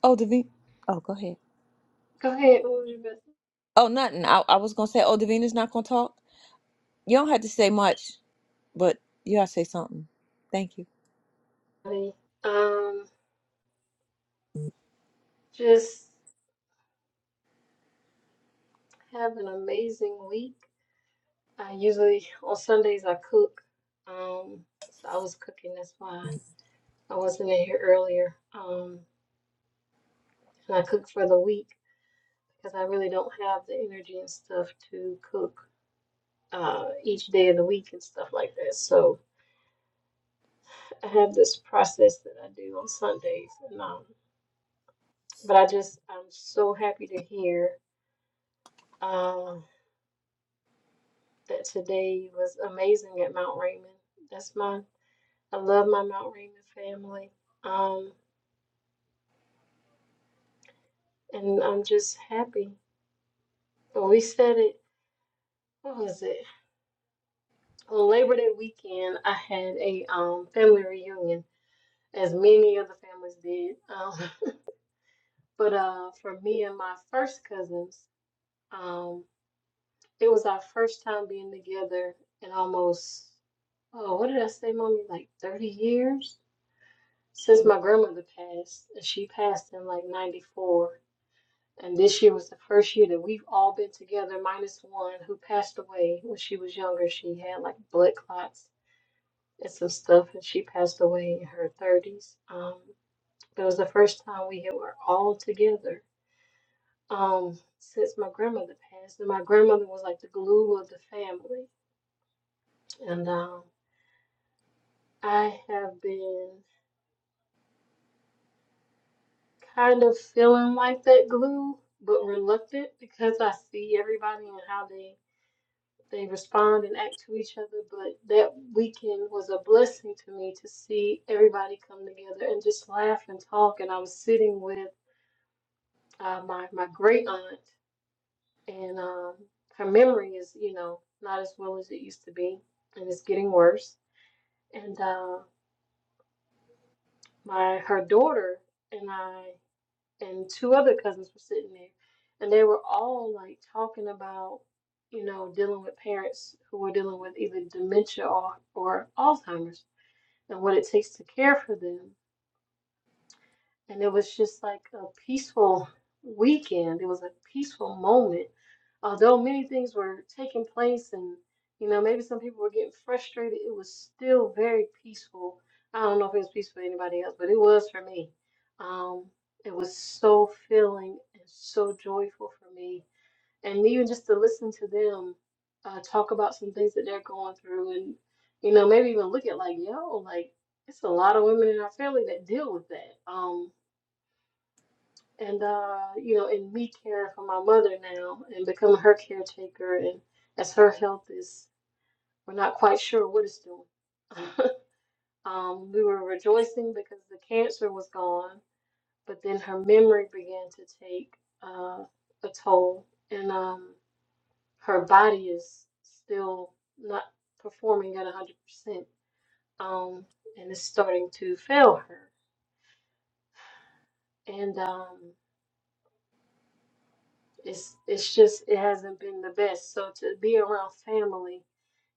Oh, Davina. Oh, go ahead.
Go ahead. What was your best?
Oh, nothing. I, I was going to say, oh, Davina's not going to talk. You don't have to say much, but you gotta say something. Thank you.
Honey, Um, just have an amazing week. I usually on Sundays I cook. Um, so I was cooking. That's why I wasn't in here earlier. Um, and I cook for the week because I really don't have the energy and stuff to cook uh each day of the week and stuff like that. So I have this process that I do on Sundays. And um, but I just I'm so happy to hear. Um, that today was amazing at Mount Raymond. That's my, I love my Mount Raymond family. Um, and I'm just happy. But we said it, what was it? On Labor Day weekend, I had a um, family reunion, as many other families did. Um, but uh, for me and my first cousins, um, it was our first time being together in almost, oh, what did I say, mommy? Like 30 years? since my grandmother passed, and she passed in like 94, and this year was the first year that we've all been together, minus one who passed away when she was younger. She had like blood clots and some stuff, and she passed away in her 30s. Um, but it was the first time we had- were all together um, since my grandmother passed, and my grandmother was like the glue of the family. And um, I have been. kind of feeling like that glue, but reluctant because I see everybody and how they they respond and act to each other. But that weekend was a blessing to me to see everybody come together and just laugh and talk. And I was sitting with uh, my my great aunt, and um, her memory is you know not as well as it used to be, and it's getting worse. And uh, my her daughter and I. and two other cousins were sitting there, and they were all like talking about, you know, dealing with parents who were dealing with either dementia or, or Alzheimer's and what it takes to care for them. And it was just like a peaceful weekend. It was a peaceful moment. Although many things were taking place and, you know, maybe some people were getting frustrated, it was still very peaceful. I don't know if it was peaceful for anybody else, but it was for me. Um, it was so filling and so joyful for me. And even just to listen to them uh, talk about some things that they're going through and, you know, maybe even look at like, yo, like, it's a lot of women in our family that deal with that. Um, and uh, you know, and me caring for my mother now and becoming her caretaker, and as her health is, we're not quite sure what it's doing. um, we were rejoicing because the cancer was gone, but then her memory began to take uh, a toll, and um, her body is still not performing at one hundred percent, um, and it's starting to fail her, and um. it's it's just it hasn't been the best. So to be around family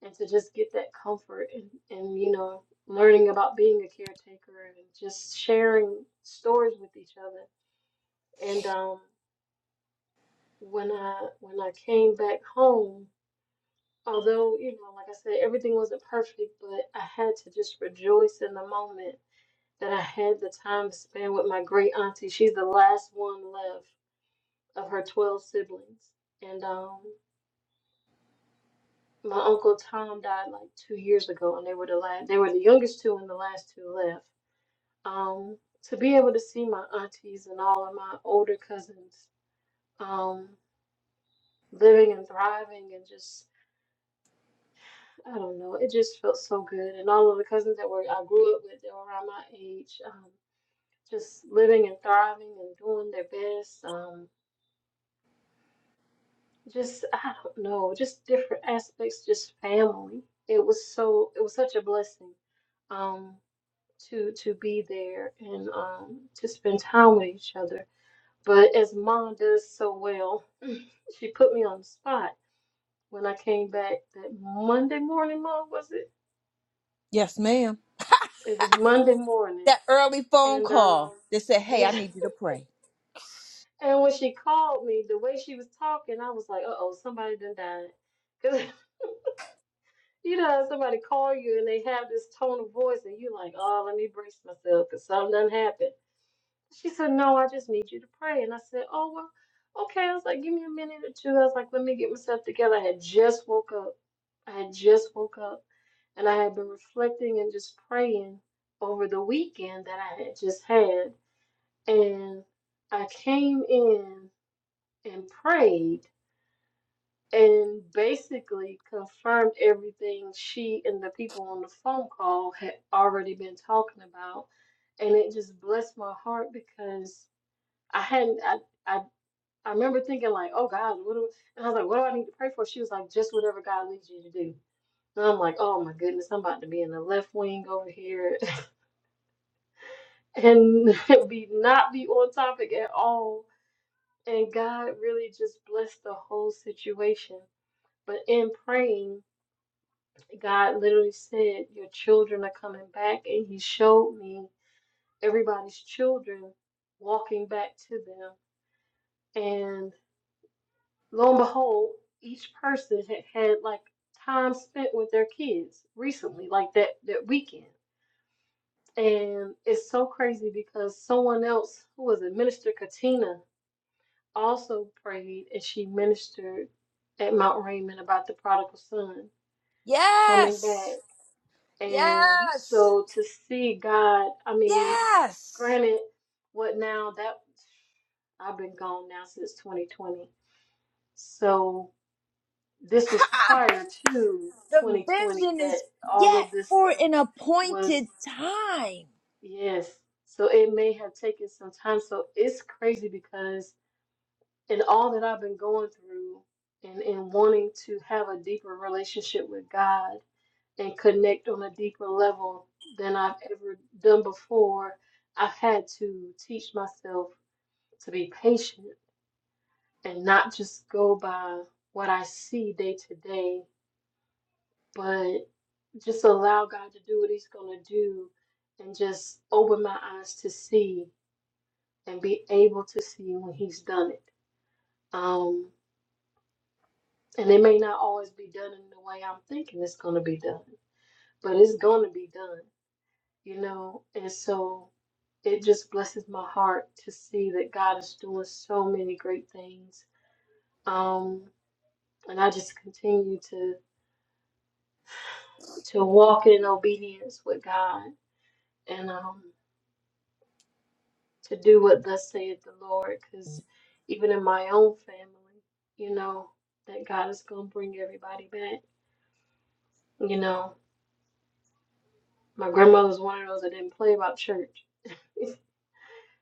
and to just get that comfort and, and you know, learning about being a caretaker and just sharing stories with each other. And um when I when I came back home, although, you know, like I said, everything wasn't perfect, but I had to just rejoice in the moment that I had the time to spend with my great auntie. She's the last one left of her twelve siblings. And um My uncle Tom died like two years ago, and they were the last. They were the youngest two, and the last two left. Um, to be able to see my aunties and all of my older cousins, um, living and thriving, and just I don't know, it just felt so good. And all of the cousins that were I grew up with, that were around my age, um, just living and thriving and doing their best. Um, just I don't know, just different aspects, just family. It was so, it was such a blessing. Um, to to be there and um, to spend time with each other. But as mom does so well, she put me on the spot when I came back that Monday morning. Mom, was it?
Yes, ma'am.
It was Monday morning,
That early phone
and
call
um,
that said, Hey,
yeah.
I need you to pray.
And when she called me, the way she was talking, I was like, "Uh oh, somebody done died." Cause you know, how somebody call you and they have this tone of voice, and you're like, "Oh, let me brace myself, cause something done happened." She said, No, I just need you to pray. And I said, Oh, well, okay. I was like, Give me a minute or two. I was like, Let me get myself together. I had just woke up. I had just woke up. And I had been reflecting and just praying over the weekend that I had just had. And I came in and prayed and basically confirmed everything she and the people on the phone call had already been talking about. And it just blessed my heart because I hadn't I, I I remember thinking like, oh God, what do and I was like, what do I need to pray for? She was like, just whatever God leads you to do. And I'm like, oh my goodness, I'm about to be in the left wing over here and be not be on topic at all. And God really just blessed the whole situation. But in praying, God literally said, Your children are coming back. And He showed me everybody's children walking back to them. and. Lo and behold, each person had had like time spent with their kids recently, like that that weekend. And it's so crazy because someone else who was a minister, Katina, also prayed and she ministered at Mount Raymond about the prodigal son coming
Yes.
back. And
Yes.
so to see God, I mean,
Yes.
granted, what now that I've been gone now since 2020. So this was
Ha!
prior to
The
2020
vision
that
is
all
yet
of this
for
stuff
an appointed
was,
time.
yes. So it may have taken some time. So it's crazy because in all that I've been going through and in wanting to have a deeper relationship with God and connect on a deeper level than I've ever done before, I've had to teach myself to be patient and not just go by what I see day to day but just allow God to do what He's going to do and just open my eyes to see and be able to see when He's done it. Um, and it may not always be done in the way I'm thinking it's going to be done, but it's going to be done, you know? And so it just blesses my heart to see that God is doing so many great things. Um, and I just continue to to walk in obedience with God. And um, to do what thus saith the Lord, because even in my own family, you know, that God is going to bring everybody back. You know, my grandmother was one of those that didn't play about church.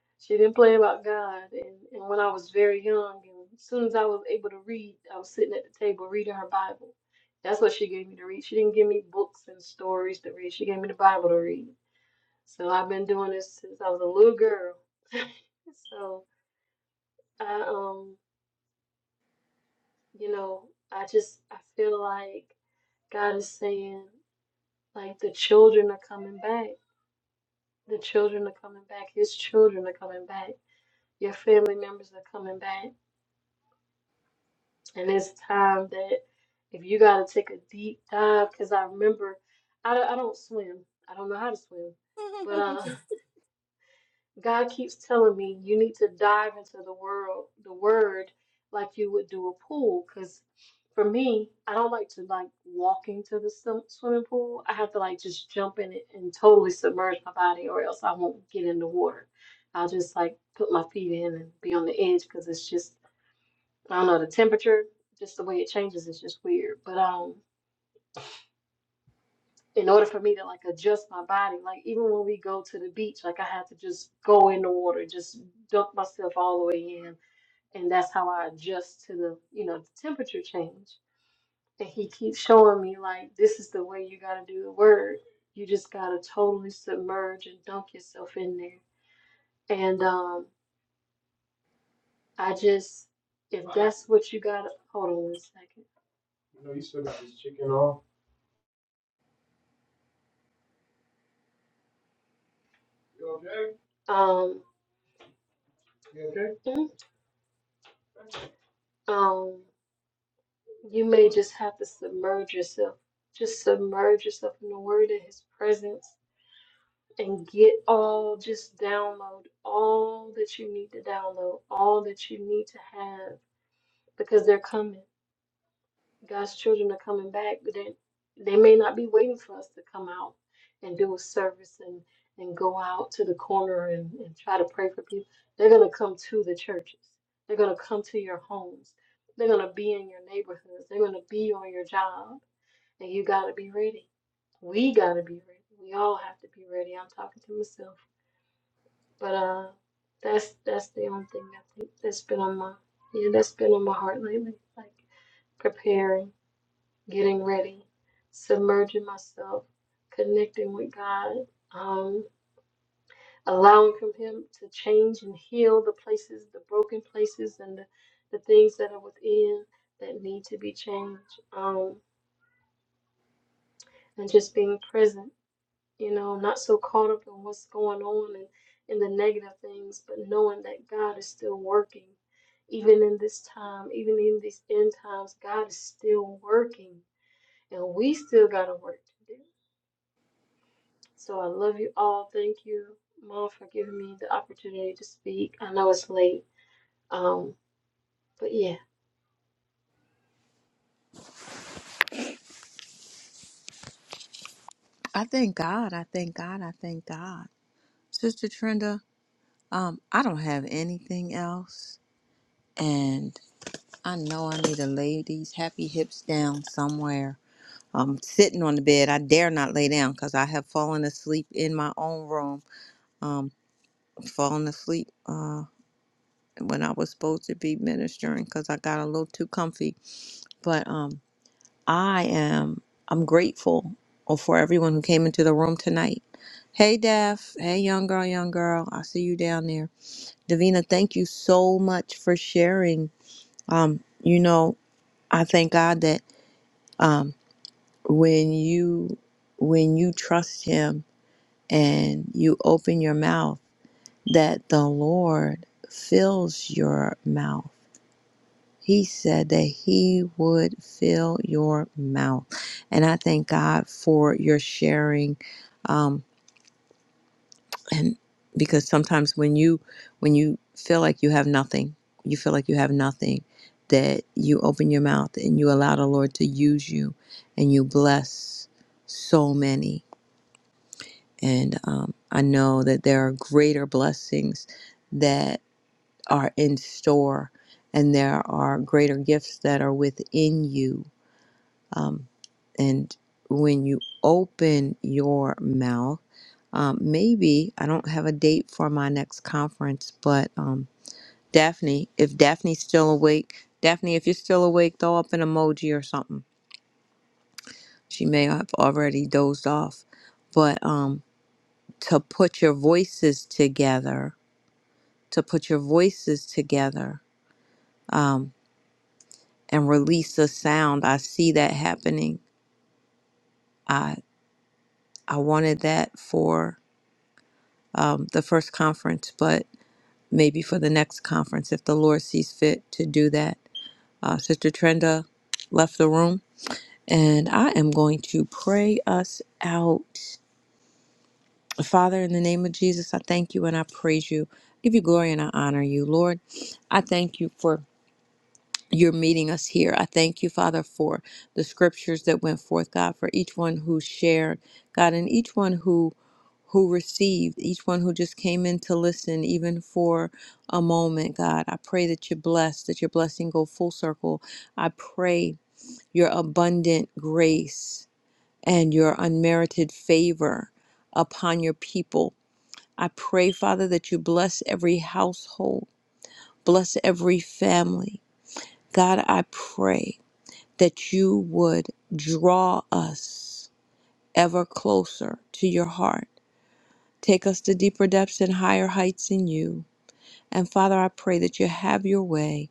she didn't play about God. And, and when I was very young, and as soon as I was able to read, I was sitting at the table reading her Bible. That's what she gave me to read. She didn't give me books and stories to read. She gave me the Bible to read. So I've been doing this since I was a little girl. so I um you know, I just I feel like God is saying like the children are coming back. The children are coming back. His children are coming back. Your family members are coming back. And it's time that if you got to take a deep dive, because I remember I, don't- I don't swim. I don't know how to swim. but. uh, God keeps telling me you need to dive into the world, the word, like you would do a pool. Because for me, I don't like to like walk into the swim- swimming pool. I have to like just jump in it and totally submerge my body, or else I won't get in the water. I'll just like put my feet in and be on the edge because it's just I don't know the temperature, just the way it changes is just weird. But um, in order for me to like adjust my body, like even when we go to the beach, like I have to just go in the water, just dunk myself all the way in, and that's how I adjust to the you know the temperature change. And he keeps showing me like this is the way you gotta do the word. You just gotta totally submerge and dunk yourself in there. And um, I just if that's what you gotta hold on one second. You know you still got this chicken on. You okay? Um. You okay? mm, Um. You may just have to submerge yourself. Just submerge yourself in the Word in His presence and get all, just download all that you need to download, all that you need to have, because they're coming. God's children are coming back, but they, they may not be waiting for us to come out and do a service and, and go out to the corner and, and try to pray for people. They're going to come to the churches, they're going to come to your homes, they're going to be in your neighborhoods, they're going to be on your job and you gotta be ready. We gotta be ready. We all have to be ready. I'm talking to myself. But uh that's that's the only thing I think that's been on my yeah, that's been on my heart lately. Like preparing, getting ready, submerging myself, connecting with God, um, allowing from him to change and heal the places, the broken places and the, the things that are within that need to be changed. Um and just being present You know, I'm not so caught up in what's going on and in the negative things, but knowing that God is still working. Even in this time, even in these end times, God is still working. And we still got a work to do. So I love you all. Thank you, Mom, for giving me the opportunity to speak. I know it's late. Um, but yeah.
I thank God. I thank God. I thank God. Sister Trenda, um, I don't have anything else. And I know I need to lay these happy hips down somewhere. I'm sitting on the bed. I dare not lay down because I have fallen asleep in my own room. Um, fallen asleep uh, when I was supposed to be ministering because I got a little too comfy. But um, I am. I'm grateful for everyone who came into the room tonight. Hey, Daph. Hey, young girl, young girl. I see you down there. Davina, thank you so much for sharing. Um, you know, I thank God that um, when you when you trust Him and you open your mouth, that the Lord fills your mouth. He said that He would fill your mouth. And I thank God for your sharing. Um, and because sometimes when you when you feel like you have nothing, you feel like you have nothing, that you open your mouth and you allow the Lord to use you and you bless so many. And um, I know that there are greater blessings that are in store, and there are greater gifts that are within you. Um, and when you open your mouth, um, maybe I don't have a date for my next conference, but um, Daphne, if Daphne's still awake, Daphne, if you're still awake, throw up an emoji or something. She may have already dozed off, but um, to put your voices together to put your voices together um, and release a sound. I see that happening. I I wanted that for um, the first conference, but maybe for the next conference if the Lord sees fit to do that. Uh, Sister Trenda left the room, and I am going to pray us out. Father, in the name of Jesus, I thank you and I praise you. I give you glory and I honor you, Lord. I thank you for you're meeting us here. I thank you, Father, for the scriptures that went forth, God, for each one who shared, God, and each one who who received, each one who just came in to listen, even for a moment, God. I pray that you bless, that your blessing go full circle. I pray your abundant grace and your unmerited favor upon your people. I pray, Father, that you bless every household, bless every family. God, I pray that you would draw us ever closer to your heart. Take us to deeper depths and higher heights in you. And Father, I pray that you have your way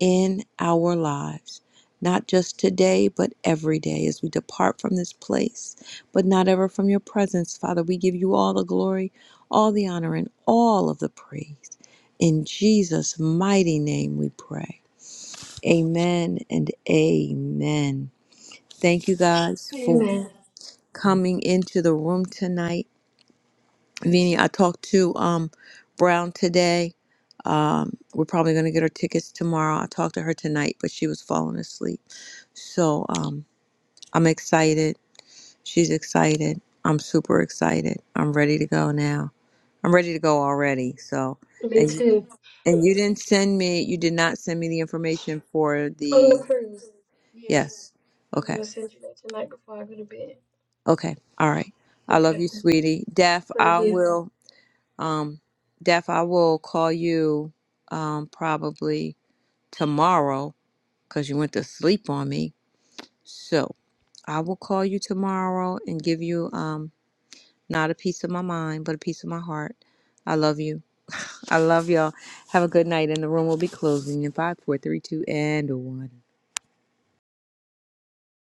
in our lives, not just today, but every day as we depart from this place, but not ever from your presence. Father, we give you all the glory, all the honor, and all of the praise. In Jesus' mighty name we pray. Amen and amen. Thank you guys for
Amen.
coming into the room tonight. Vinny, I talked to um, Brown today. Um, we're probably going to get her tickets tomorrow. I talked to her tonight, but she was falling asleep. So um, I'm excited. She's excited. I'm super excited. I'm ready to go now. I'm ready to go already. So,
Me
and you,
too.
and you didn't send me. You did not send me the information for
On the
the
cruise. Yes.
yes.
I'm
Okay.
gonna send you that tonight before I go to bed.
Okay. All right. I love
Okay.
you, sweetie. Daph,
Love
I
you.
will um Daph, I will call you um probably tomorrow because you went to sleep on me. So I will call you tomorrow and give you um not a piece of my mind, but a piece of my heart. I love you. I love y'all. Have a good night and the room will be closing in five, four, three, two, and one.